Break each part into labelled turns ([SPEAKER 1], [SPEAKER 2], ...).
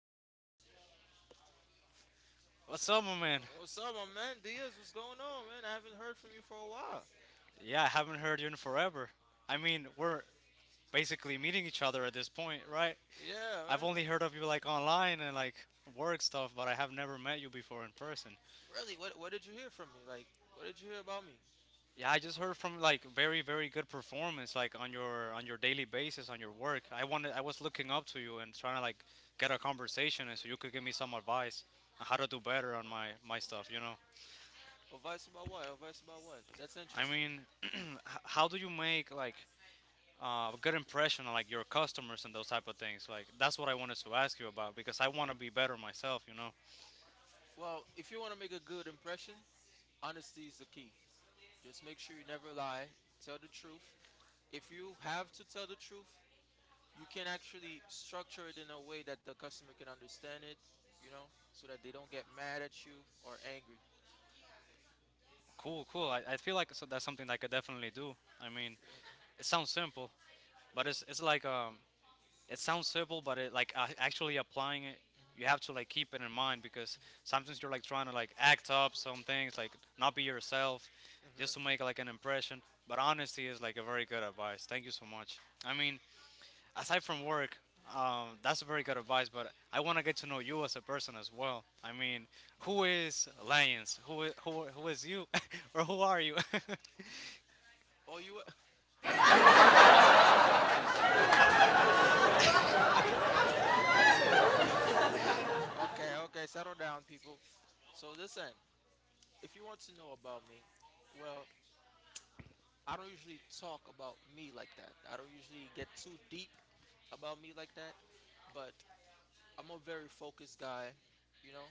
[SPEAKER 1] So,
[SPEAKER 2] What's up, my man?
[SPEAKER 1] what's up, my man? Diaz, what's going on, man? I haven't heard from you for a while.
[SPEAKER 2] Yeah, I haven't heard you in forever. We're basically meeting each other at this point, right?
[SPEAKER 1] Yeah,
[SPEAKER 2] I've
[SPEAKER 1] man.
[SPEAKER 2] only heard of you like online and like work stuff, but I have never met you before in person.
[SPEAKER 1] Really, what did you hear from me? Like, what did you hear about me?
[SPEAKER 2] Yeah, I just heard from like very good performance like on your daily basis on your work. I was looking up to you and trying to like get a conversation and so you could give me some advice on how to do better on my stuff, you know.
[SPEAKER 1] Advice about what? Advice about what? That's
[SPEAKER 2] I
[SPEAKER 1] interesting.
[SPEAKER 2] mean, h- how do you make like good impression on like your customers and those type of things. Like that's what I wanted to ask you about because I want to be better myself. You know.
[SPEAKER 1] Well, if you want to make a good impression, honesty is the key. Just make sure you never lie. Tell the truth. If you have to tell the truth, you can actually structure it in a way that the customer can understand it, so that they don't get mad at you or angry.
[SPEAKER 2] Cool, cool. I feel like so that's something that I could definitely do. I mean,
[SPEAKER 1] Mm,
[SPEAKER 2] it sounds simple, but it's
[SPEAKER 1] yeah.
[SPEAKER 2] it's like it sounds simple, but it like actually applying it, you
[SPEAKER 1] Mm-hmm.
[SPEAKER 2] have to like keep it in mind because sometimes you're like trying to like act up some things, like not be yourself, just to
[SPEAKER 1] Mhm.
[SPEAKER 2] make like an impression. But honesty is like a very good advice. Thank you so much. I mean, aside from work, that's very good advice. But I want to get to know you as a person as well. I mean, who is Lions? Who is you, or who are you?
[SPEAKER 1] Oh, you so now you see you got the crowd laughing now. You see, you got the crowd laughing. Okay, okay, settle down, people. So listen, if you want to know about me, well, I don't usually talk about me like that. I don't usually get too deep about me like that, but I'm a very focused guy. You know,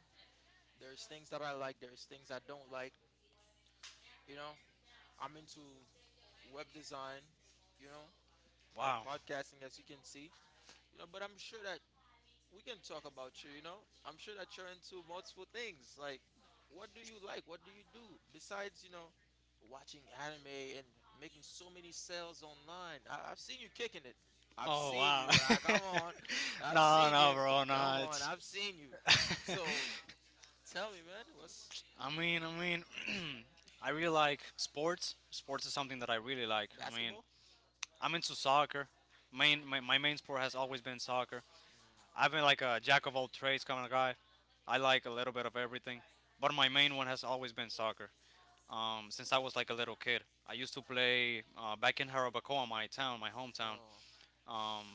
[SPEAKER 1] there's things that I like, there's things I don't like. You know, I'm into web design. You know, and
[SPEAKER 2] Wow.
[SPEAKER 1] podcasting, as you can see. You know, but I'm sure that we can talk about you. You know, I'm sure that you're into multiple things. Like, what do you like? What do you do besides watching anime and making so many sales online? I've seen you kicking it. I've
[SPEAKER 2] Oh
[SPEAKER 1] seen
[SPEAKER 2] wow.
[SPEAKER 1] you. Ah, come on, I've
[SPEAKER 2] No,
[SPEAKER 1] seen
[SPEAKER 2] no,
[SPEAKER 1] you.
[SPEAKER 2] bro,
[SPEAKER 1] Come
[SPEAKER 2] no.
[SPEAKER 1] on,
[SPEAKER 2] It's.
[SPEAKER 1] I've seen you. So tell me, man, what's
[SPEAKER 2] I mean, I mean, I really like sports. Sports is something that I really like.
[SPEAKER 1] basketball?
[SPEAKER 2] I'm into soccer. My main sport has always been soccer. I've been like a jack of all trades kind of guy. I like a little bit of everything, but my main one has always been soccer. Since I was like a little kid, I used to play back in Harabacoa, my town, my hometown,
[SPEAKER 1] Oh,
[SPEAKER 2] um,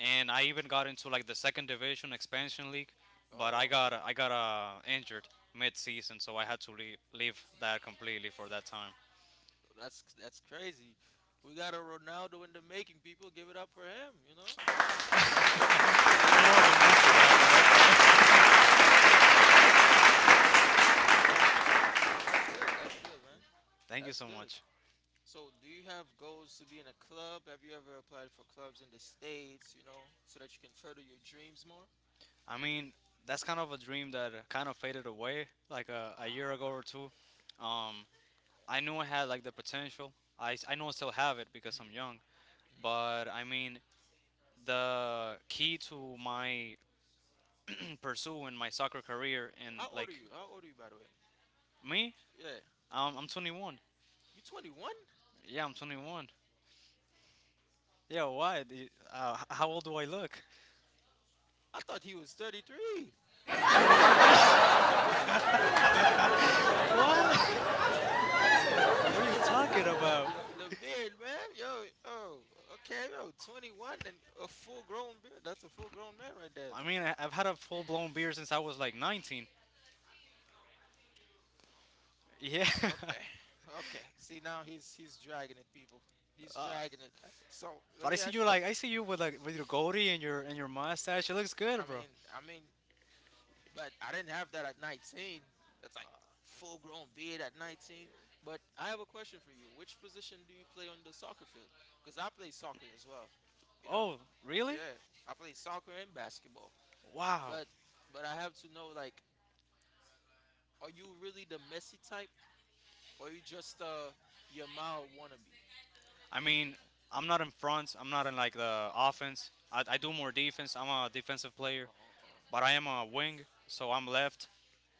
[SPEAKER 2] and I even got into like the second division expansion league.
[SPEAKER 1] oh,
[SPEAKER 2] But
[SPEAKER 1] oh,
[SPEAKER 2] I got injured mid-season, so I had to leave that completely for that time.
[SPEAKER 1] that's crazy. We got a Ronaldo in the making. People, give it up for him. You know, we get,
[SPEAKER 2] I'm
[SPEAKER 1] give,
[SPEAKER 2] more
[SPEAKER 1] we
[SPEAKER 2] of a messy guy, but
[SPEAKER 1] got a, you know, yo, he investing. He's like, give it up
[SPEAKER 2] okay.
[SPEAKER 1] for him. You know, that's good. That's good, man.
[SPEAKER 2] Thank you
[SPEAKER 1] That's
[SPEAKER 2] so
[SPEAKER 1] good.
[SPEAKER 2] much.
[SPEAKER 1] So, do you have goals to be in a club? Have you ever applied for clubs in the states? You know, so that you can further your dreams more.
[SPEAKER 2] I mean, that's kind of a dream that kind of faded away like a year ago or
[SPEAKER 1] Ah,
[SPEAKER 2] two. Um,
[SPEAKER 1] go on.
[SPEAKER 2] I knew I had like the potential. I know I still have it because
[SPEAKER 1] hmm
[SPEAKER 2] I'm young.
[SPEAKER 1] hmm
[SPEAKER 2] But I mean, the key to my pursuing my soccer career and
[SPEAKER 1] How old
[SPEAKER 2] like
[SPEAKER 1] are you? How old are you, by the way?
[SPEAKER 2] me,
[SPEAKER 1] Yeah,
[SPEAKER 2] I'm 21.
[SPEAKER 1] you 21?
[SPEAKER 2] Yeah, I'm 21. Yeah, why? How old do I look?
[SPEAKER 1] I thought he was 33.
[SPEAKER 2] 33?
[SPEAKER 1] You thought,
[SPEAKER 2] What? What are you talking about?
[SPEAKER 1] like the beard, man. Yo, oh, okay, yo, 21 and a full grown beard. That's a full grown man right there.
[SPEAKER 2] I mean, I've had a full blown beard since I was like 19. Yeah,
[SPEAKER 1] Okay, okay. See now he's dragging it, people. He's
[SPEAKER 2] uh,
[SPEAKER 1] dragging it. So let
[SPEAKER 2] but I
[SPEAKER 1] me
[SPEAKER 2] see
[SPEAKER 1] ask.
[SPEAKER 2] you like I see you with like with your goatee and your mustache. It looks
[SPEAKER 1] I
[SPEAKER 2] good, bro.
[SPEAKER 1] mean, I mean, but I didn't have that at 19. That's like full grown beard at 19. But I have a question for you. Which position do you play on the soccer field? Because I play soccer as well. You know,
[SPEAKER 2] Oh, really?
[SPEAKER 1] yeah, I play soccer and basketball.
[SPEAKER 2] Wow.
[SPEAKER 1] But but I have to know, like, are you really the messy type, or you just your wannabe?
[SPEAKER 2] I mean, I'm not in front. I'm not in like the offense. I do more defense. I'm a defensive
[SPEAKER 1] Uh,
[SPEAKER 2] player,
[SPEAKER 1] uh,
[SPEAKER 2] but
[SPEAKER 1] uh.
[SPEAKER 2] I am a wing, so I'm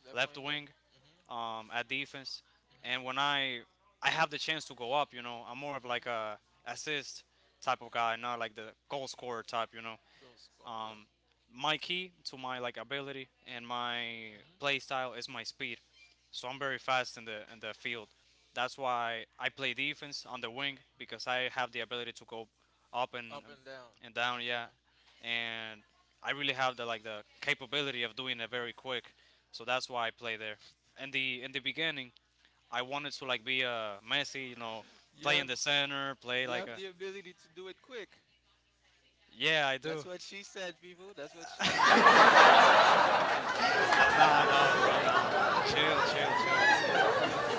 [SPEAKER 1] Left
[SPEAKER 2] left
[SPEAKER 1] wing.
[SPEAKER 2] wing
[SPEAKER 1] Mm-hmm.
[SPEAKER 2] at defense. And when I have the chance to go up, you know, I'm more of like
[SPEAKER 1] Mm-hmm.
[SPEAKER 2] a assist type of guy,
[SPEAKER 1] Mm-hmm.
[SPEAKER 2] not like the goal scorer type, you know.
[SPEAKER 1] Goal score. Yeah.
[SPEAKER 2] Um, my key to my like ability and my
[SPEAKER 1] Mm-hmm.
[SPEAKER 2] play style is my speed. So I'm very fast
[SPEAKER 1] Mm-hmm.
[SPEAKER 2] in the field. That's why I play defense on the wing because I have the ability to go up and
[SPEAKER 1] Up and down.
[SPEAKER 2] down,
[SPEAKER 1] Okay.
[SPEAKER 2] yeah. And I really have the like the capability of doing it very
[SPEAKER 1] Mm-hmm.
[SPEAKER 2] quick. So that's why I play there. In the beginning, I wanted to like be a Messi, you know,
[SPEAKER 1] You
[SPEAKER 2] play in
[SPEAKER 1] have
[SPEAKER 2] the center, play
[SPEAKER 1] you
[SPEAKER 2] like
[SPEAKER 1] have
[SPEAKER 2] a
[SPEAKER 1] the ability to do it quick.
[SPEAKER 2] yeah, I do.
[SPEAKER 1] That's what she said, people. That's what she said. So, so- okay, so,
[SPEAKER 2] Nah,
[SPEAKER 1] okay,
[SPEAKER 2] nah, bro, nah, nah.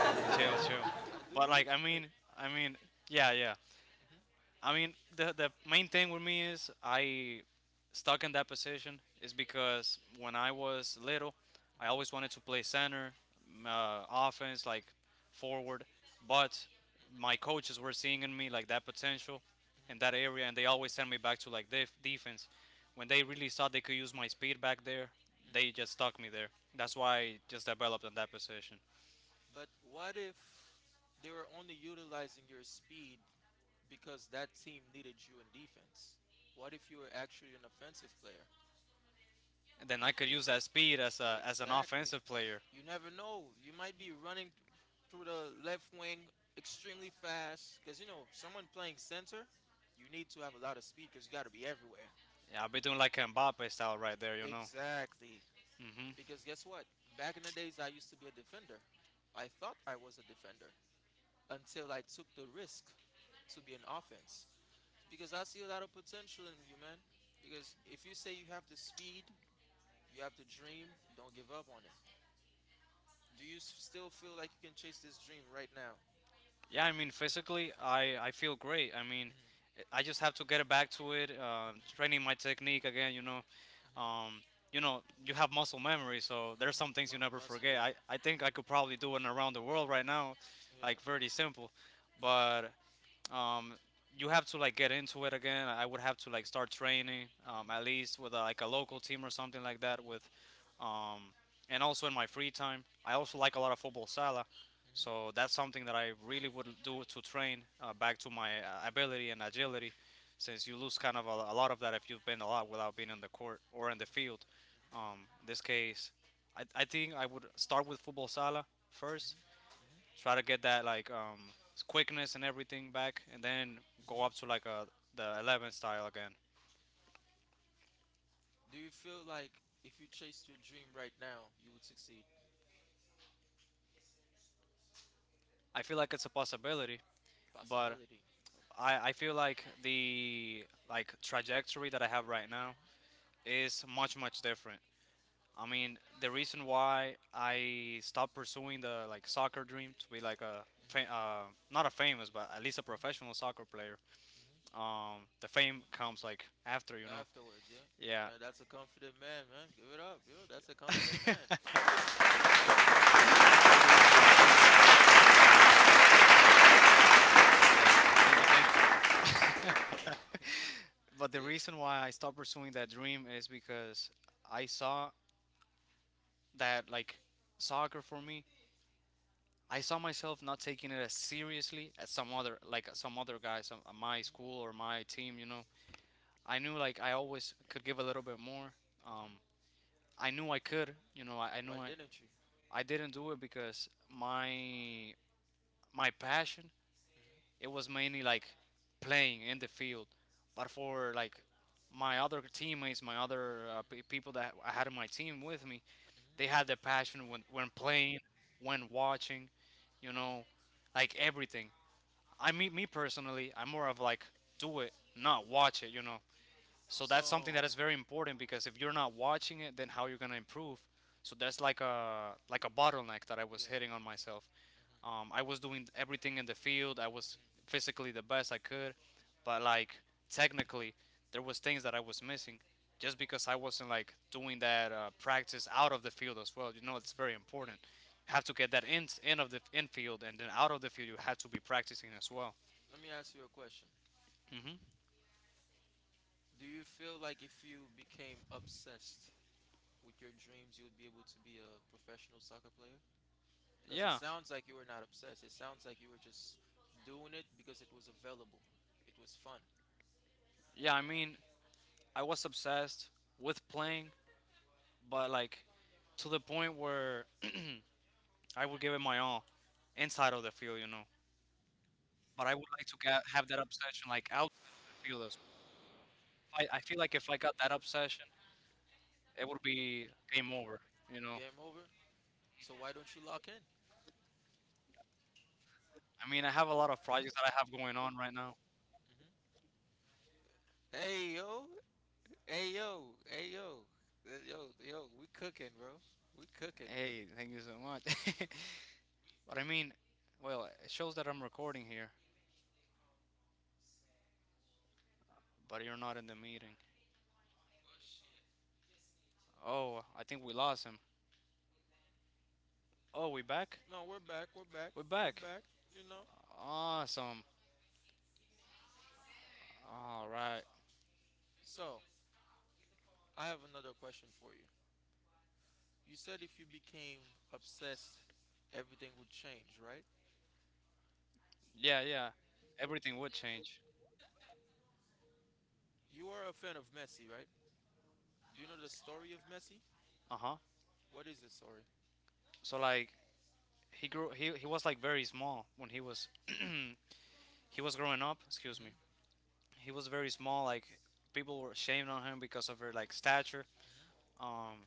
[SPEAKER 1] okay.
[SPEAKER 2] Chill.
[SPEAKER 1] I do
[SPEAKER 2] But
[SPEAKER 1] you.
[SPEAKER 2] like,
[SPEAKER 1] Uh,
[SPEAKER 2] I mean, yeah, yeah.
[SPEAKER 1] mhm,
[SPEAKER 2] I mean, the main thing with me is I stuck in that position is because when I was little, I
[SPEAKER 1] mhm,
[SPEAKER 2] always wanted to play center, offense, like forward, but my
[SPEAKER 1] mhm,
[SPEAKER 2] coaches were seeing in me like that potential in
[SPEAKER 1] mhm,
[SPEAKER 2] that area, and they always sent me back to like defense. When they really thought they could use my speed back there, they
[SPEAKER 1] mhm.
[SPEAKER 2] just stuck me there. That's why I just developed in that position.
[SPEAKER 1] But what if they were only utilizing your speed because that team needed you in defense? What if you were actually an offensive player?
[SPEAKER 2] And then I could use that speed as a as an
[SPEAKER 1] Exactly.
[SPEAKER 2] offensive player.
[SPEAKER 1] You never know. You might be running through the left wing extremely fast because, you know, someone playing center, you need to have a lot of speed because you got to be everywhere.
[SPEAKER 2] Yeah, I'll be doing like a Mbappe style right there, you know.
[SPEAKER 1] Exactly.
[SPEAKER 2] Hmm.
[SPEAKER 1] Because guess what? Back in the days, I used to be a defender. I thought I was a defender until I took the risk to be an offense. Because I see a lot of potential in you, man. Because if you say you have the speed, you have the dream, don't give up on it. Do you still feel like you can chase this dream right now?
[SPEAKER 2] Yeah, I mean, physically, I feel great. I mean,
[SPEAKER 1] Mm-hmm,
[SPEAKER 2] I just have to get back to it,
[SPEAKER 1] mm-hmm,
[SPEAKER 2] training my technique again, you know.
[SPEAKER 1] mm-hmm,
[SPEAKER 2] Um, you know, you have muscle memory, so there's some
[SPEAKER 1] mm-hmm.
[SPEAKER 2] things you never
[SPEAKER 1] Muscle,
[SPEAKER 2] forget.
[SPEAKER 1] yeah,
[SPEAKER 2] I think I could probably do it around the world right now,
[SPEAKER 1] yeah.
[SPEAKER 2] like pretty simple.
[SPEAKER 1] Mm-hmm,
[SPEAKER 2] But um, you have to like get into it again. I would have to like start training
[SPEAKER 1] mm-hmm,
[SPEAKER 2] at
[SPEAKER 1] mm-hmm,
[SPEAKER 2] least with like a local team or something like that. With
[SPEAKER 1] mm-hmm,
[SPEAKER 2] um, and also in my free time, I also like a lot of football sala,
[SPEAKER 1] mm-hmm,
[SPEAKER 2] so that's something that I really would do to train back to my ability and agility, since you lose kind of a lot of that if you've been a lot without being in the court or in the field. In this case, I think I would start with football sala first,
[SPEAKER 1] mm-hmm,
[SPEAKER 2] try to get that like quickness and everything back, and then go up to
[SPEAKER 1] mm-hmm.
[SPEAKER 2] like a the 11 style again.
[SPEAKER 1] Do you feel like if you chased your dream right now, you would succeed?
[SPEAKER 2] I feel like it's a possibility, but
[SPEAKER 1] Possibility.
[SPEAKER 2] I feel like the like trajectory that I have right now
[SPEAKER 1] Mm-hmm,
[SPEAKER 2] is much different. I mean, the reason why I stopped pursuing the like soccer dream to be like
[SPEAKER 1] mm-hmm,
[SPEAKER 2] not a famous, but at least a professional soccer player.
[SPEAKER 1] mm-hmm.
[SPEAKER 2] The fame comes like after, you know.
[SPEAKER 1] Afterwards, yeah.
[SPEAKER 2] Yeah.
[SPEAKER 1] Yeah, that's a confident man, man. Give it up, yo. That's a confident man. Yo, that's
[SPEAKER 2] Thank you so much. Thank you so much.
[SPEAKER 1] that's
[SPEAKER 2] I mean, yeah, thank you. But the
[SPEAKER 1] yeah.
[SPEAKER 2] reason why I stopped pursuing that dream is because I saw that like soccer for me, I saw myself not taking it as seriously as some other guys on my
[SPEAKER 1] Hmm.
[SPEAKER 2] school or my team, you know. I knew like I always could give a little bit more. Um I knew I could, you know, I knew
[SPEAKER 1] Why didn't you?
[SPEAKER 2] I didn't do it because my passion
[SPEAKER 1] Hmm.
[SPEAKER 2] it was mainly like playing in the field. But for like my other teammates, my other pe
[SPEAKER 1] Hmm.
[SPEAKER 2] people that I had in my team with me, they had
[SPEAKER 1] Hmm.
[SPEAKER 2] the passion when playing, when watching, you know, like everything. I mean, me personally, I'm more of like do it, not watch it, you know. So that's something that
[SPEAKER 1] So.
[SPEAKER 2] is very important because if you're not watching it, then how you're gonna improve? So that's like
[SPEAKER 1] Mhm.
[SPEAKER 2] a bottleneck that I was
[SPEAKER 1] Yeah.
[SPEAKER 2] hitting on myself.
[SPEAKER 1] Hmm.
[SPEAKER 2] I was doing everything in the field. I was physically the best I could, but like technically, there was things that I was missing, just because I wasn't like doing that practice out of the field as well. You know, it's very
[SPEAKER 1] Hmm.
[SPEAKER 2] important. You have to get that in field, and then out of the field, you have to be practicing as well.
[SPEAKER 1] Let me ask you a question.
[SPEAKER 2] Hmm.
[SPEAKER 1] Do you feel like if you became obsessed with your dreams, you would be able to be a professional soccer player? Because it
[SPEAKER 2] Yeah.
[SPEAKER 1] sounds like you were not obsessed. It sounds like you were just doing it because it was available. It was fun.
[SPEAKER 2] Yeah, I mean, I was obsessed with playing, but like to the point where I would give it my all inside of the field, you know. But I would like to have that obsession like outside of the field as well. I feel like if I got that obsession, it would be game over, you know. I mean, I have a lot of projects that I have going on right now. Hey, thank you so much. But I mean, well, it shows that I'm recording here, but you're not in the meeting. Oh, I think we lost him. Oh, we back?
[SPEAKER 1] No, we're back. We're back.
[SPEAKER 2] We're
[SPEAKER 1] We're
[SPEAKER 2] back.
[SPEAKER 1] back. You know.
[SPEAKER 2] Awesome. All right.
[SPEAKER 1] So, I have another question for you. You said if you became obsessed, everything would change, right?
[SPEAKER 2] Yeah, yeah. Everything would change.
[SPEAKER 1] You are a fan of Messi, right? Do you know the story of Messi?
[SPEAKER 2] Uh huh.
[SPEAKER 1] What is the story?
[SPEAKER 2] So, like, he was, like, very small when he was he was growing up, excuse me.
[SPEAKER 1] Mm-hmm.
[SPEAKER 2] He was very small, like, people were ashamed on him because of her, like, stature. um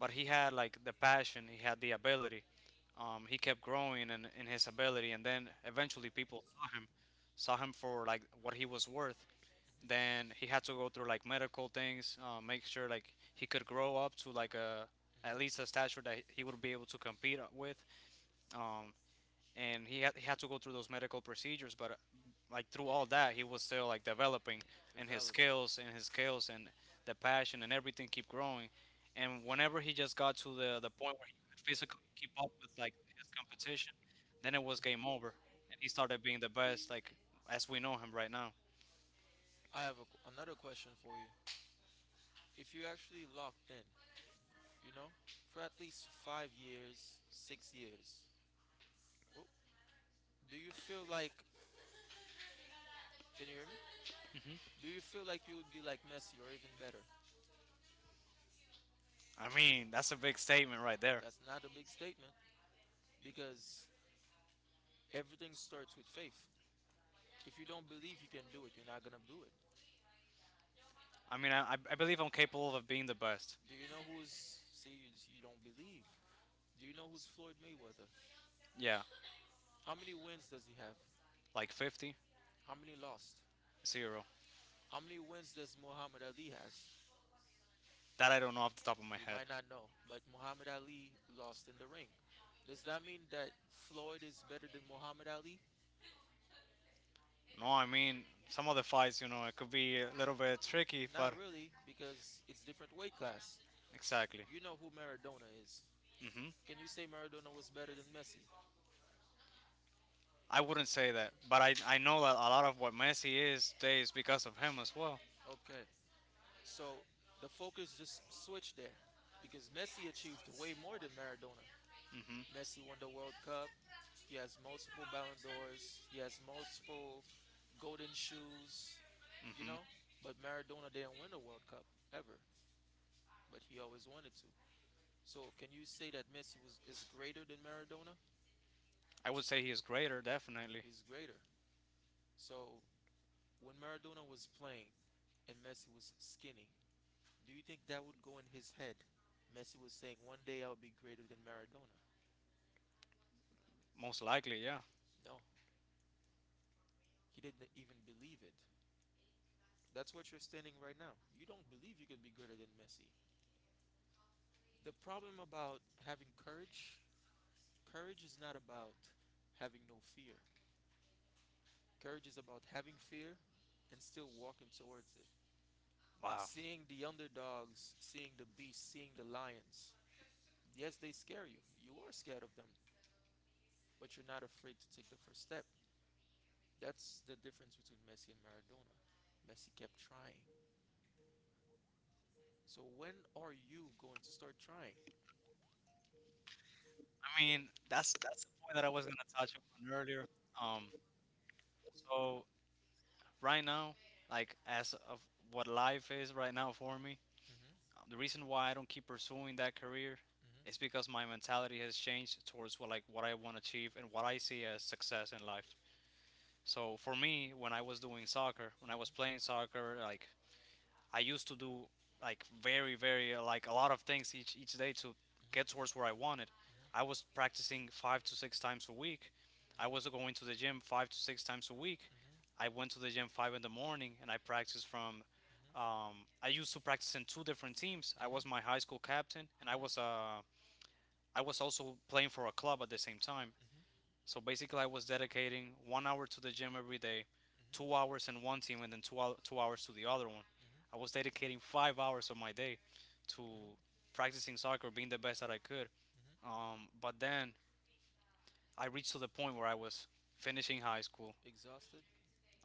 [SPEAKER 2] but he had, like, the passion, he had the ability. He kept growing in his ability, and then eventually people saw him for, like, what he was worth. Then he
[SPEAKER 1] Mm-hmm.
[SPEAKER 2] had to go through, like, medical things, make sure, like, he could grow up to, like, a at least a stature that he would be able to compete with. um and he had to go through those medical procedures, but like, through all that, he was still, like, developing.
[SPEAKER 1] Mm-hmm.
[SPEAKER 2] And
[SPEAKER 1] Developing.
[SPEAKER 2] his skills and the passion and everything keep growing. And whenever he just got to the point where he could physically keep up with, like, his competition, then it was game over, and he started being the best, like, as we know him right now.
[SPEAKER 1] I have a, another question for you. If you actually locked in, you know, for at least 5 years, 6 years. Oh, do you feel like, can you hear me?
[SPEAKER 2] Hmm.
[SPEAKER 1] Do you feel like you would be like Messi or even better?
[SPEAKER 2] I mean, that's a big statement right there.
[SPEAKER 1] That's not a big statement because everything starts with faith. If you don't believe you can do it, you're not gonna do it.
[SPEAKER 2] I mean, I believe I'm capable of being the best.
[SPEAKER 1] Do you know who's, see, you don't believe. Do you know who's Floyd Mayweather?
[SPEAKER 2] Yeah.
[SPEAKER 1] How many wins does he have?
[SPEAKER 2] Like 50.
[SPEAKER 1] How many lost?
[SPEAKER 2] Zero.
[SPEAKER 1] How many wins does Muhammad Ali has?
[SPEAKER 2] That I don't know off the top of my
[SPEAKER 1] You
[SPEAKER 2] head.
[SPEAKER 1] might not know, but Muhammad Ali lost in the ring. Does that mean that Floyd is better than Muhammad Ali?
[SPEAKER 2] No, I mean, some of the fights, it could be a little bit
[SPEAKER 1] N-
[SPEAKER 2] tricky, but—
[SPEAKER 1] Not really, because it's different weight class.
[SPEAKER 2] Exactly.
[SPEAKER 1] You know who Maradona is.
[SPEAKER 2] Hmm.
[SPEAKER 1] Can you say Maradona was better than Messi?
[SPEAKER 2] I wouldn't say that, but I know that a lot of what Messi is today is because of him as well.
[SPEAKER 1] Okay, so the focus just switched there because Messi achieved way more than Maradona.
[SPEAKER 2] Hmm.
[SPEAKER 1] Messi won the World Cup. He has multiple Ballon d'Ors. He has multiple golden shoes, you know?
[SPEAKER 2] Hmm.
[SPEAKER 1] But Maradona didn't win the World Cup ever. But he always wanted to. So can you say that Messi was, is greater than Maradona?
[SPEAKER 2] I would say he is greater, definitely.
[SPEAKER 1] He's greater. So when Maradona was playing and Messi was skinny, do you think that would go in his head? Messi was saying, one day I'll be greater than Maradona.
[SPEAKER 2] Most likely, yeah.
[SPEAKER 1] No, he didn't even believe it. That's what you're standing right now. You don't believe you can be greater than Messi. The problem about having courage, courage is not about having no fear. Courage is about having fear and still walking towards it. It's
[SPEAKER 2] Wow.
[SPEAKER 1] seeing the underdogs, seeing the beasts, seeing the lions. Yes, they scare you. You are scared of them, but you're not afraid to take the first step. That's the difference between Messi and Maradona. Messi kept trying. So when are you going to start trying?
[SPEAKER 2] I mean, that's the point that I was gonna touch upon earlier. Um, so right now, like, as of what life is right now for me,
[SPEAKER 1] Hmm.
[SPEAKER 2] the reason why I don't keep pursuing that career is
[SPEAKER 1] Hmm.
[SPEAKER 2] because my mentality has changed towards what, like, what I want to achieve and what I see as success in life. So for me, when I was
[SPEAKER 1] Hmm.
[SPEAKER 2] doing soccer, when I was playing soccer, like, I used to do, like, very very like, a lot of things each day to get towards where I wanted.
[SPEAKER 1] Hmm.
[SPEAKER 2] I was practicing five to six times a week. I
[SPEAKER 1] Hmm.
[SPEAKER 2] was going to the gym five to six times a week.
[SPEAKER 1] Hmm. Hmm.
[SPEAKER 2] I went to the gym five in the morning and I practiced from. Um, I used to practice in two different teams. I was my high school captain, and I was also playing for a club at the same time. So basically, I was dedicating 1 hour to the gym every day, 2 hours in one team, and then two hours to the other one. I was dedicating 5 hours of my day to
[SPEAKER 1] Hmm.
[SPEAKER 2] practicing soccer, being the best that I could.
[SPEAKER 1] Hmm. Hmm. Hmm.
[SPEAKER 2] But then I reached to the point where I was finishing high school.
[SPEAKER 1] Exhausted.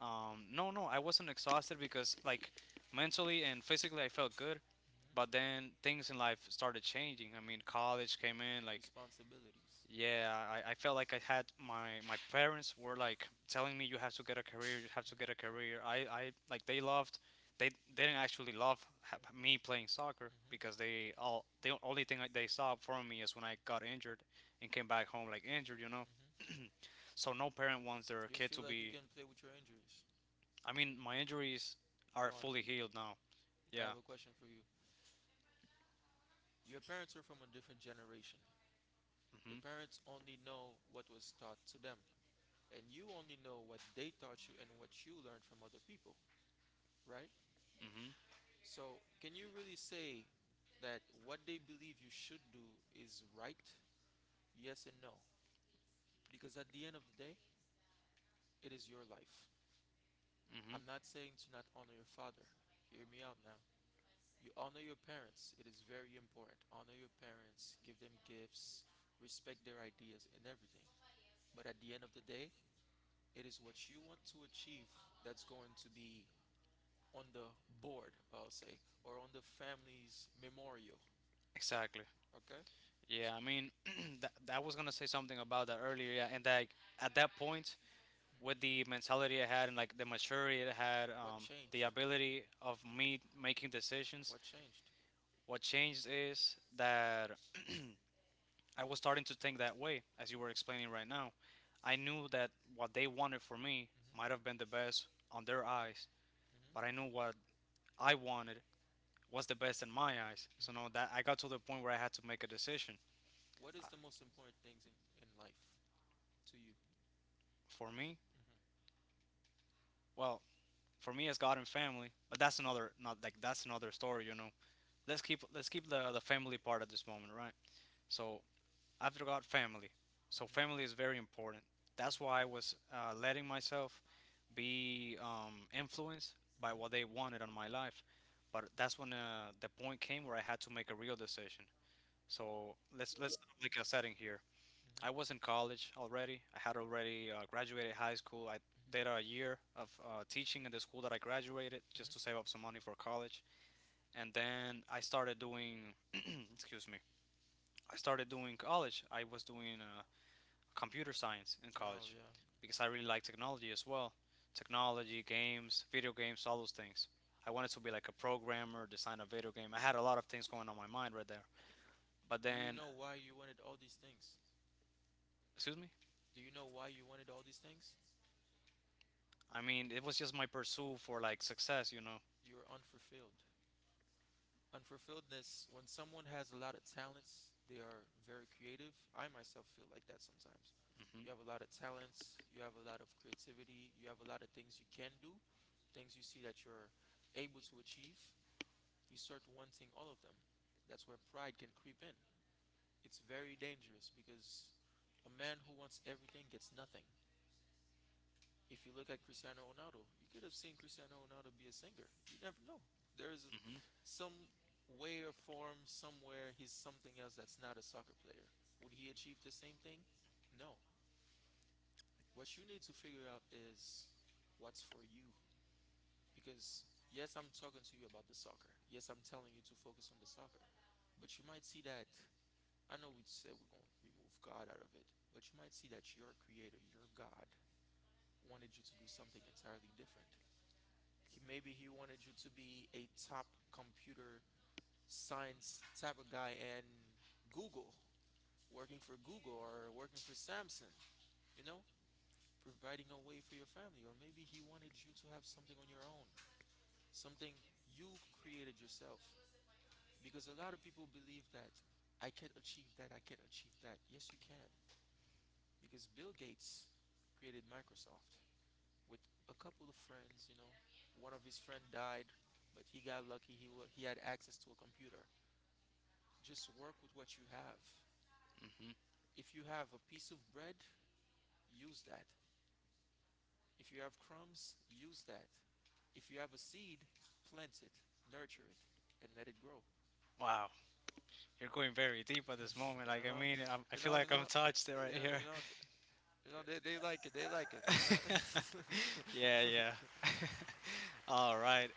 [SPEAKER 2] No, no, I wasn't exhausted because, like, mentally and physically, I felt good.
[SPEAKER 1] Hmm.
[SPEAKER 2] But then things in life started changing. I mean, college came in, like—
[SPEAKER 1] Responsibilities.
[SPEAKER 2] Yeah, I felt like I had my parents were, like, telling me, you have to get a career, you have to get a
[SPEAKER 1] Hmm.
[SPEAKER 2] career. I like they didn't actually love me playing soccer,
[SPEAKER 1] Hmm.
[SPEAKER 2] because the only thing that they saw from me is when I got injured and came back home, like, injured. So no parent wants their
[SPEAKER 1] Do you
[SPEAKER 2] kid
[SPEAKER 1] feel
[SPEAKER 2] to
[SPEAKER 1] like you
[SPEAKER 2] be—
[SPEAKER 1] can play with your injuries?
[SPEAKER 2] I mean, my injuries are
[SPEAKER 1] Gone.
[SPEAKER 2] fully healed now.
[SPEAKER 1] I
[SPEAKER 2] Yeah.
[SPEAKER 1] have a question for you. Your parents are from a different generation. Your
[SPEAKER 2] Mhm.
[SPEAKER 1] parents only know what was taught to them, and you only know what they taught you and what you learned from other people, right?
[SPEAKER 2] Mhm.
[SPEAKER 1] So, can you really say that what they believe you should do is right? Yes and no. Because at the end of the day, it is your life.
[SPEAKER 2] Mhm.
[SPEAKER 1] I'm not saying to not honor your father. Hear me out now. You honor your parents. It is very important. Honor your parents, give them gifts, respect their ideas and everything. But at the end of the day, it is what you want to achieve that's going to be on the board, I'll say, or on the family's memorial.
[SPEAKER 2] Exactly.
[SPEAKER 1] Okay?
[SPEAKER 2] Yeah. I mean, that was gonna say something about that earlier. Yeah. And, like, at that point,
[SPEAKER 1] Mm. With the mentality I had, like the
[SPEAKER 2] with the mentality I had and, like, the maturity I had,
[SPEAKER 1] maturity I had, what changed?
[SPEAKER 2] the
[SPEAKER 1] The
[SPEAKER 2] ability
[SPEAKER 1] ability of
[SPEAKER 2] of
[SPEAKER 1] me
[SPEAKER 2] me making
[SPEAKER 1] making decisions,
[SPEAKER 2] decisions.
[SPEAKER 1] what changed? What
[SPEAKER 2] What changed is that I was starting to think that way, as you were explaining right now. I knew
[SPEAKER 1] they
[SPEAKER 2] that what they wanted for
[SPEAKER 1] wanted
[SPEAKER 2] me
[SPEAKER 1] for me, hmm,
[SPEAKER 2] might have been the best
[SPEAKER 1] might have
[SPEAKER 2] on their eyes,
[SPEAKER 1] been the
[SPEAKER 2] but
[SPEAKER 1] best.
[SPEAKER 2] I knew what I wanted was the best in my eyes. So now that I got to the point where I had to make a
[SPEAKER 1] Where I had to make a decision.
[SPEAKER 2] decision
[SPEAKER 1] What is the most important things in life to you?
[SPEAKER 2] for me,
[SPEAKER 1] Hmm.
[SPEAKER 2] well, for me, it's God and family, but that's another not like that's another story. Let's keep the family part at this moment, right? So after God, family. So family is very important. That's why I was letting myself be influenced by what they wanted on my life.
[SPEAKER 1] In my
[SPEAKER 2] But that's when the point came where I had to make a real decision. So let's set up, like, a setting here. I was in college already. I had already graduated high school. I did a year of teaching in the school that I graduated, just to save up some money for college. And then I started doing, excuse me, I started doing college. I was doing computer science in
[SPEAKER 1] college. Oh,
[SPEAKER 2] college,
[SPEAKER 1] yeah.
[SPEAKER 2] because I really like technology as well. Technology, games, video games, all those things. I wanted to be like a programmer, design a video game. I had a lot of things going on my mind right there. But
[SPEAKER 1] You
[SPEAKER 2] then,
[SPEAKER 1] know why you wanted all these things?
[SPEAKER 2] excuse me.
[SPEAKER 1] Do you know why you wanted all these things?
[SPEAKER 2] I mean, it was just my pursuit for, like, success.
[SPEAKER 1] You were unfulfilled. Unfulfilledness, when someone has a lot of talents, they are very creative. I myself feel like that sometimes.
[SPEAKER 2] Hmm.
[SPEAKER 1] You have a lot of talents, you have a lot of creativity, you have a lot of things you can do, things you see that you're able to achieve. You start wanting all of them. That's where pride can creep in. It's very dangerous because a man who wants everything gets nothing. If you look at Cristiano Ronaldo, you could have seen Cristiano Ronaldo be a singer. You never know. There is some way or form somewhere he's something else that's not a soccer player. Would he achieve the same thing? No. What you need to figure out is what's for you. Because, yes, I'm talking to you about the soccer. Yes, I'm telling you to focus on the soccer. But you might see that, I know we said we're going to remove God out of it, but you might see that your creator, your God, wanted you to do something entirely different. Maybe he wanted you to be a top computer science type of guy and Google, working for Google or working for Samsung, you know, providing a way for your family. Or maybe he wanted you to have something on your own, something you created yourself. Because a lot of people believe that I can't achieve that, I can't achieve that. Yes, you can. Because Bill Gates created Microsoft with a couple of friends. One of his friend died, but he got lucky he had access to a computer. Just work with what you have.
[SPEAKER 2] Hmm. Hmm.
[SPEAKER 1] If you have a piece of bread, use that. If you have crumbs, use that. If you have a seed, plant it, nurture it, and let it grow.
[SPEAKER 2] Wow, you're going very deep at this moment. Like, I mean, I'm, I
[SPEAKER 1] you
[SPEAKER 2] feel
[SPEAKER 1] know, you
[SPEAKER 2] like I'm
[SPEAKER 1] know,
[SPEAKER 2] touched
[SPEAKER 1] you know, you
[SPEAKER 2] right
[SPEAKER 1] know,
[SPEAKER 2] here.
[SPEAKER 1] you know, th- you know, They, they like it. You know?
[SPEAKER 2] Yeah, yeah. All right.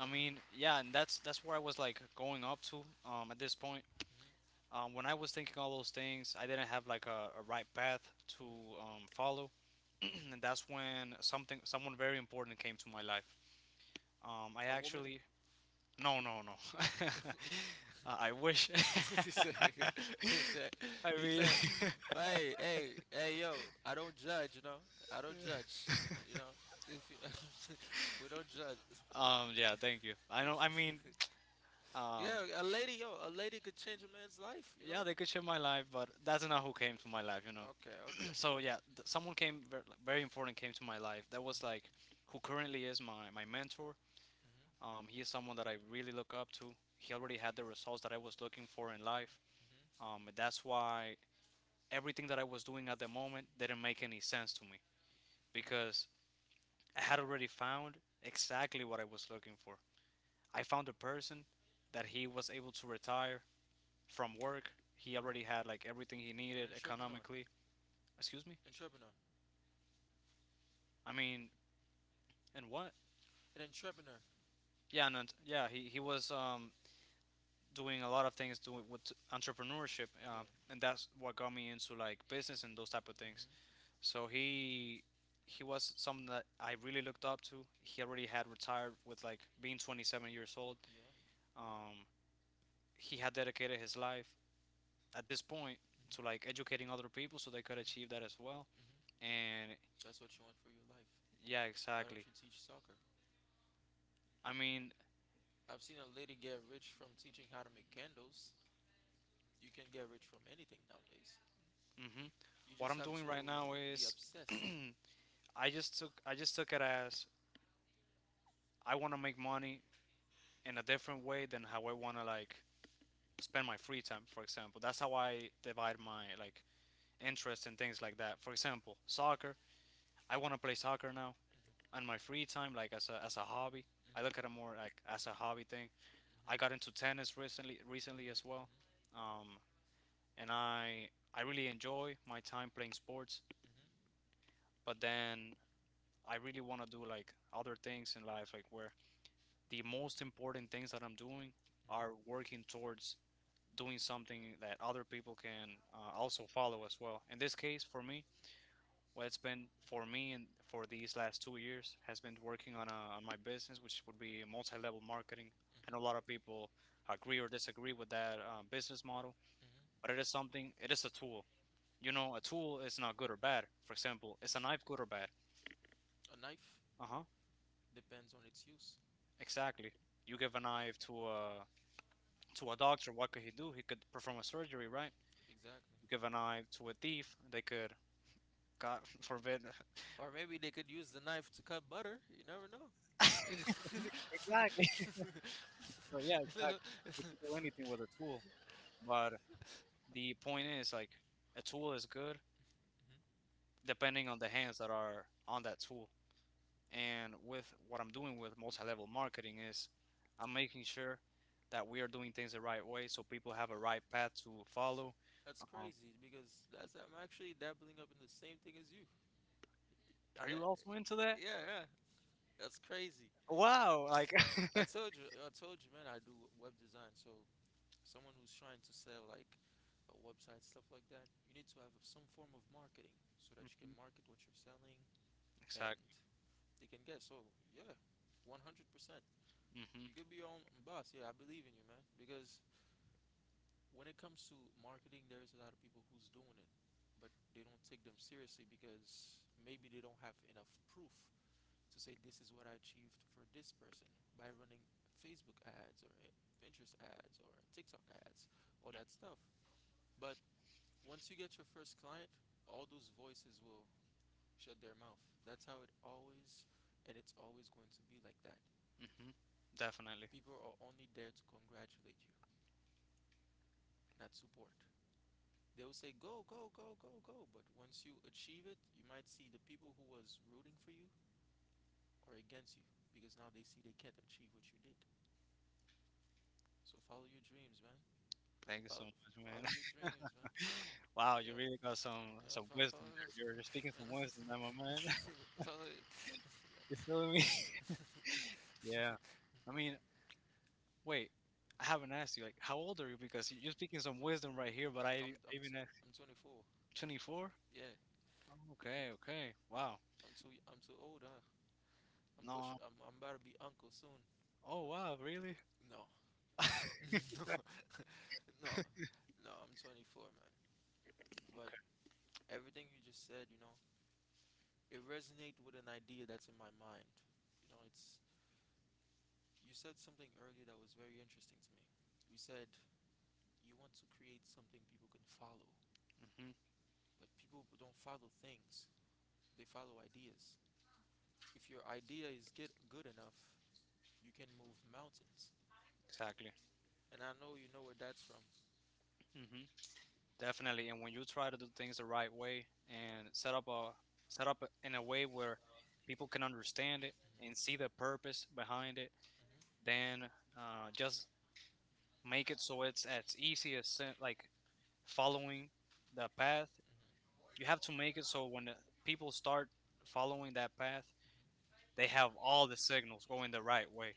[SPEAKER 2] I mean, yeah, and that's where I was, like, going up to at this point.
[SPEAKER 1] Mhm,
[SPEAKER 2] When I was thinking all those things, I didn't have, like, a right path to
[SPEAKER 1] mhm,
[SPEAKER 2] follow,
[SPEAKER 1] mhm.
[SPEAKER 2] and that's when something someone very important came to my life. I
[SPEAKER 1] A woman.
[SPEAKER 2] actually— No, no, no, I wish.
[SPEAKER 1] He said, he said,
[SPEAKER 2] I
[SPEAKER 1] he
[SPEAKER 2] mean,
[SPEAKER 1] said, hey, hey, hey, yo, I don't judge, you know, if you, we don't judge.
[SPEAKER 2] Yeah, thank you. I know. I mean— um,
[SPEAKER 1] Yeah, a lady, yo, a lady could change a man's life, you
[SPEAKER 2] yeah,
[SPEAKER 1] know.
[SPEAKER 2] they could change my life, but that's not who came to my life.
[SPEAKER 1] Okay, okay.
[SPEAKER 2] So yeah, someone came like, very important, came to my life. That
[SPEAKER 1] Mhm,
[SPEAKER 2] was, like, who currently is my mentor.
[SPEAKER 1] mhm,
[SPEAKER 2] He is someone that I really look up to. He
[SPEAKER 1] mhm,
[SPEAKER 2] already had the results that I was looking for in life. That's why everything that I was doing at the moment didn't make any sense to me,
[SPEAKER 1] mhm,
[SPEAKER 2] because I had already found exactly what I was looking for. I found a person that he was able to retire from work. He
[SPEAKER 1] mhm.
[SPEAKER 2] already had, like, everything he
[SPEAKER 1] An
[SPEAKER 2] needed
[SPEAKER 1] entrepreneur,
[SPEAKER 2] economically. Excuse me.
[SPEAKER 1] entrepreneur,
[SPEAKER 2] I mean, and what?
[SPEAKER 1] an entrepreneur.
[SPEAKER 2] Yeah, yeah, he was doing a lot of things doing with entrepreneurship,
[SPEAKER 1] Yeah.
[SPEAKER 2] and that's what got me into, like, business and those type of things.
[SPEAKER 1] Mhm,
[SPEAKER 2] So he was something that I really looked up to. He already had retired with, like, being 27 years old.
[SPEAKER 1] yeah.
[SPEAKER 2] Um, he had dedicated his life at this point to,
[SPEAKER 1] Mm-hmm.
[SPEAKER 2] like, educating other people so they could achieve that
[SPEAKER 1] Hmm,
[SPEAKER 2] as well.
[SPEAKER 1] hmm.
[SPEAKER 2] And
[SPEAKER 1] That's what you want for your life.
[SPEAKER 2] yeah,
[SPEAKER 1] Why don't
[SPEAKER 2] exactly.
[SPEAKER 1] you teach soccer?
[SPEAKER 2] I mean,
[SPEAKER 1] I've seen a lady get rich from teaching how to make candles. You can get rich from anything nowadays.
[SPEAKER 2] hmm
[SPEAKER 1] You
[SPEAKER 2] what
[SPEAKER 1] just
[SPEAKER 2] I'm
[SPEAKER 1] have
[SPEAKER 2] doing right
[SPEAKER 1] to
[SPEAKER 2] now
[SPEAKER 1] be
[SPEAKER 2] is
[SPEAKER 1] obsessed.
[SPEAKER 2] I just took it as, I want to make money in a different way than how I want to, like, spend my free time. For example, that's how I divide my, like, interests and things like that. For example, soccer. I want to play soccer now,
[SPEAKER 1] Hmm,
[SPEAKER 2] and my free time, like, as a hobby, I look at it
[SPEAKER 1] hmm,
[SPEAKER 2] more, like, as a hobby thing. I
[SPEAKER 1] hmm,
[SPEAKER 2] got into tennis recently,
[SPEAKER 1] hmm,
[SPEAKER 2] as well, um, and I really enjoy my time playing sports.
[SPEAKER 1] hmm,
[SPEAKER 2] But then I really want to do, like, other things in life, like, where the most important things that I'm doing are working towards doing something that other people can also follow as well. In this case, for me, what it's been for me and for these last 2 years has been working on my business, which would be multi level marketing. I know a
[SPEAKER 1] hmm,
[SPEAKER 2] lot of people agree or disagree with that business model, but
[SPEAKER 1] hmm.
[SPEAKER 2] it is something, it is a tool. You know, a tool is not good or bad. For example, is a knife good or bad?
[SPEAKER 1] A knife
[SPEAKER 2] Uh huh,
[SPEAKER 1] depends on its use.
[SPEAKER 2] exactly. You give a knife to a doctor, what could he do? He could perform a surgery, right?
[SPEAKER 1] Exactly.
[SPEAKER 2] You give a knife to a thief, they could, God forbid—
[SPEAKER 1] Or maybe they could use the knife to cut butter. You never know.
[SPEAKER 2] Exactly. So yeah, exactly. You could do anything with a tool, but the point is, like, a tool is good depending on the hands that are on that tool. And with what I'm doing with multi-level marketing is, I'm making sure that we are doing things the right way so people have a right path to follow.
[SPEAKER 1] That's
[SPEAKER 2] Um,
[SPEAKER 1] crazy because that's I'm actually dabbling up in the same thing as you.
[SPEAKER 2] are
[SPEAKER 1] Yeah,
[SPEAKER 2] you also into that?
[SPEAKER 1] yeah, yeah. That's crazy.
[SPEAKER 2] Wow, like—
[SPEAKER 1] I told you, man. I do web design. So someone who's trying to sell like a website stuff like that, you need to have some form of marketing so that you can
[SPEAKER 2] Mhm.
[SPEAKER 1] market what you're selling and
[SPEAKER 2] Exactly.
[SPEAKER 1] they can get. So yeah, 100%.
[SPEAKER 2] Hmm.
[SPEAKER 1] You
[SPEAKER 2] Hmm.
[SPEAKER 1] could be your own boss. Yeah, I believe in you, man. Because when it comes to marketing, there's a lot of people who's doing it, but they don't take them seriously because maybe they don't have enough proof to say this is what I achieved for this person by running Facebook ads or Pinterest ads or TikTok ads, all that stuff. But once you get your first client, all those voices will shut their mouth. That's how it always And it's always going to be like that.
[SPEAKER 2] Definitely.
[SPEAKER 1] People are only there to congratulate you, not support. They will say go, go, go, go, go, but once you achieve it you might see the people who was rooting for you are against you because now they see they can't achieve what you did, so follow your dreams, man.
[SPEAKER 2] Thank you so
[SPEAKER 1] follow
[SPEAKER 2] much, man.
[SPEAKER 1] Follow your dreams, man.
[SPEAKER 2] Wow, you
[SPEAKER 1] Yeah,
[SPEAKER 2] really got some
[SPEAKER 1] yeah,
[SPEAKER 2] some wisdom
[SPEAKER 1] follow
[SPEAKER 2] there.
[SPEAKER 1] this.
[SPEAKER 2] You're speaking some wisdom there, my man.
[SPEAKER 1] Follow it.
[SPEAKER 2] You feeling me? Yeah. I mean, wait. I haven't asked you, like, how old are you, because you're speaking some wisdom right here, but I e,
[SPEAKER 1] I'm
[SPEAKER 2] I
[SPEAKER 1] I'm
[SPEAKER 2] even
[SPEAKER 1] t-
[SPEAKER 2] at
[SPEAKER 1] I'm 24.
[SPEAKER 2] 24.
[SPEAKER 1] Yeah,
[SPEAKER 2] Okay, okay. Wow.
[SPEAKER 1] I'm too old, huh? I'm pushing.
[SPEAKER 2] No.
[SPEAKER 1] I'm about to be uncle soon.
[SPEAKER 2] Oh wow, really?
[SPEAKER 1] No, no, no, no, I'm 24, man. But
[SPEAKER 2] Okay.
[SPEAKER 1] everything you just said, it resonates with an idea that's in my mind. You know, it's You said something earlier that was very interesting to me. You said you want to create something people can follow,
[SPEAKER 2] Hmm.
[SPEAKER 1] but people don't follow things. They follow ideas. If your idea is get good enough, you can move mountains.
[SPEAKER 2] Exactly.
[SPEAKER 1] And I know you know where that's from.
[SPEAKER 2] Hmm. Definitely. And when you try to do things the right way and set up in a way where people can understand it
[SPEAKER 1] Hmm,
[SPEAKER 2] and see the purpose behind it,
[SPEAKER 1] hmm,
[SPEAKER 2] then just make it so it's as easy as like following the path. You have to make it so when the people start following that path,
[SPEAKER 1] hmm.
[SPEAKER 2] they have all the signals going the right way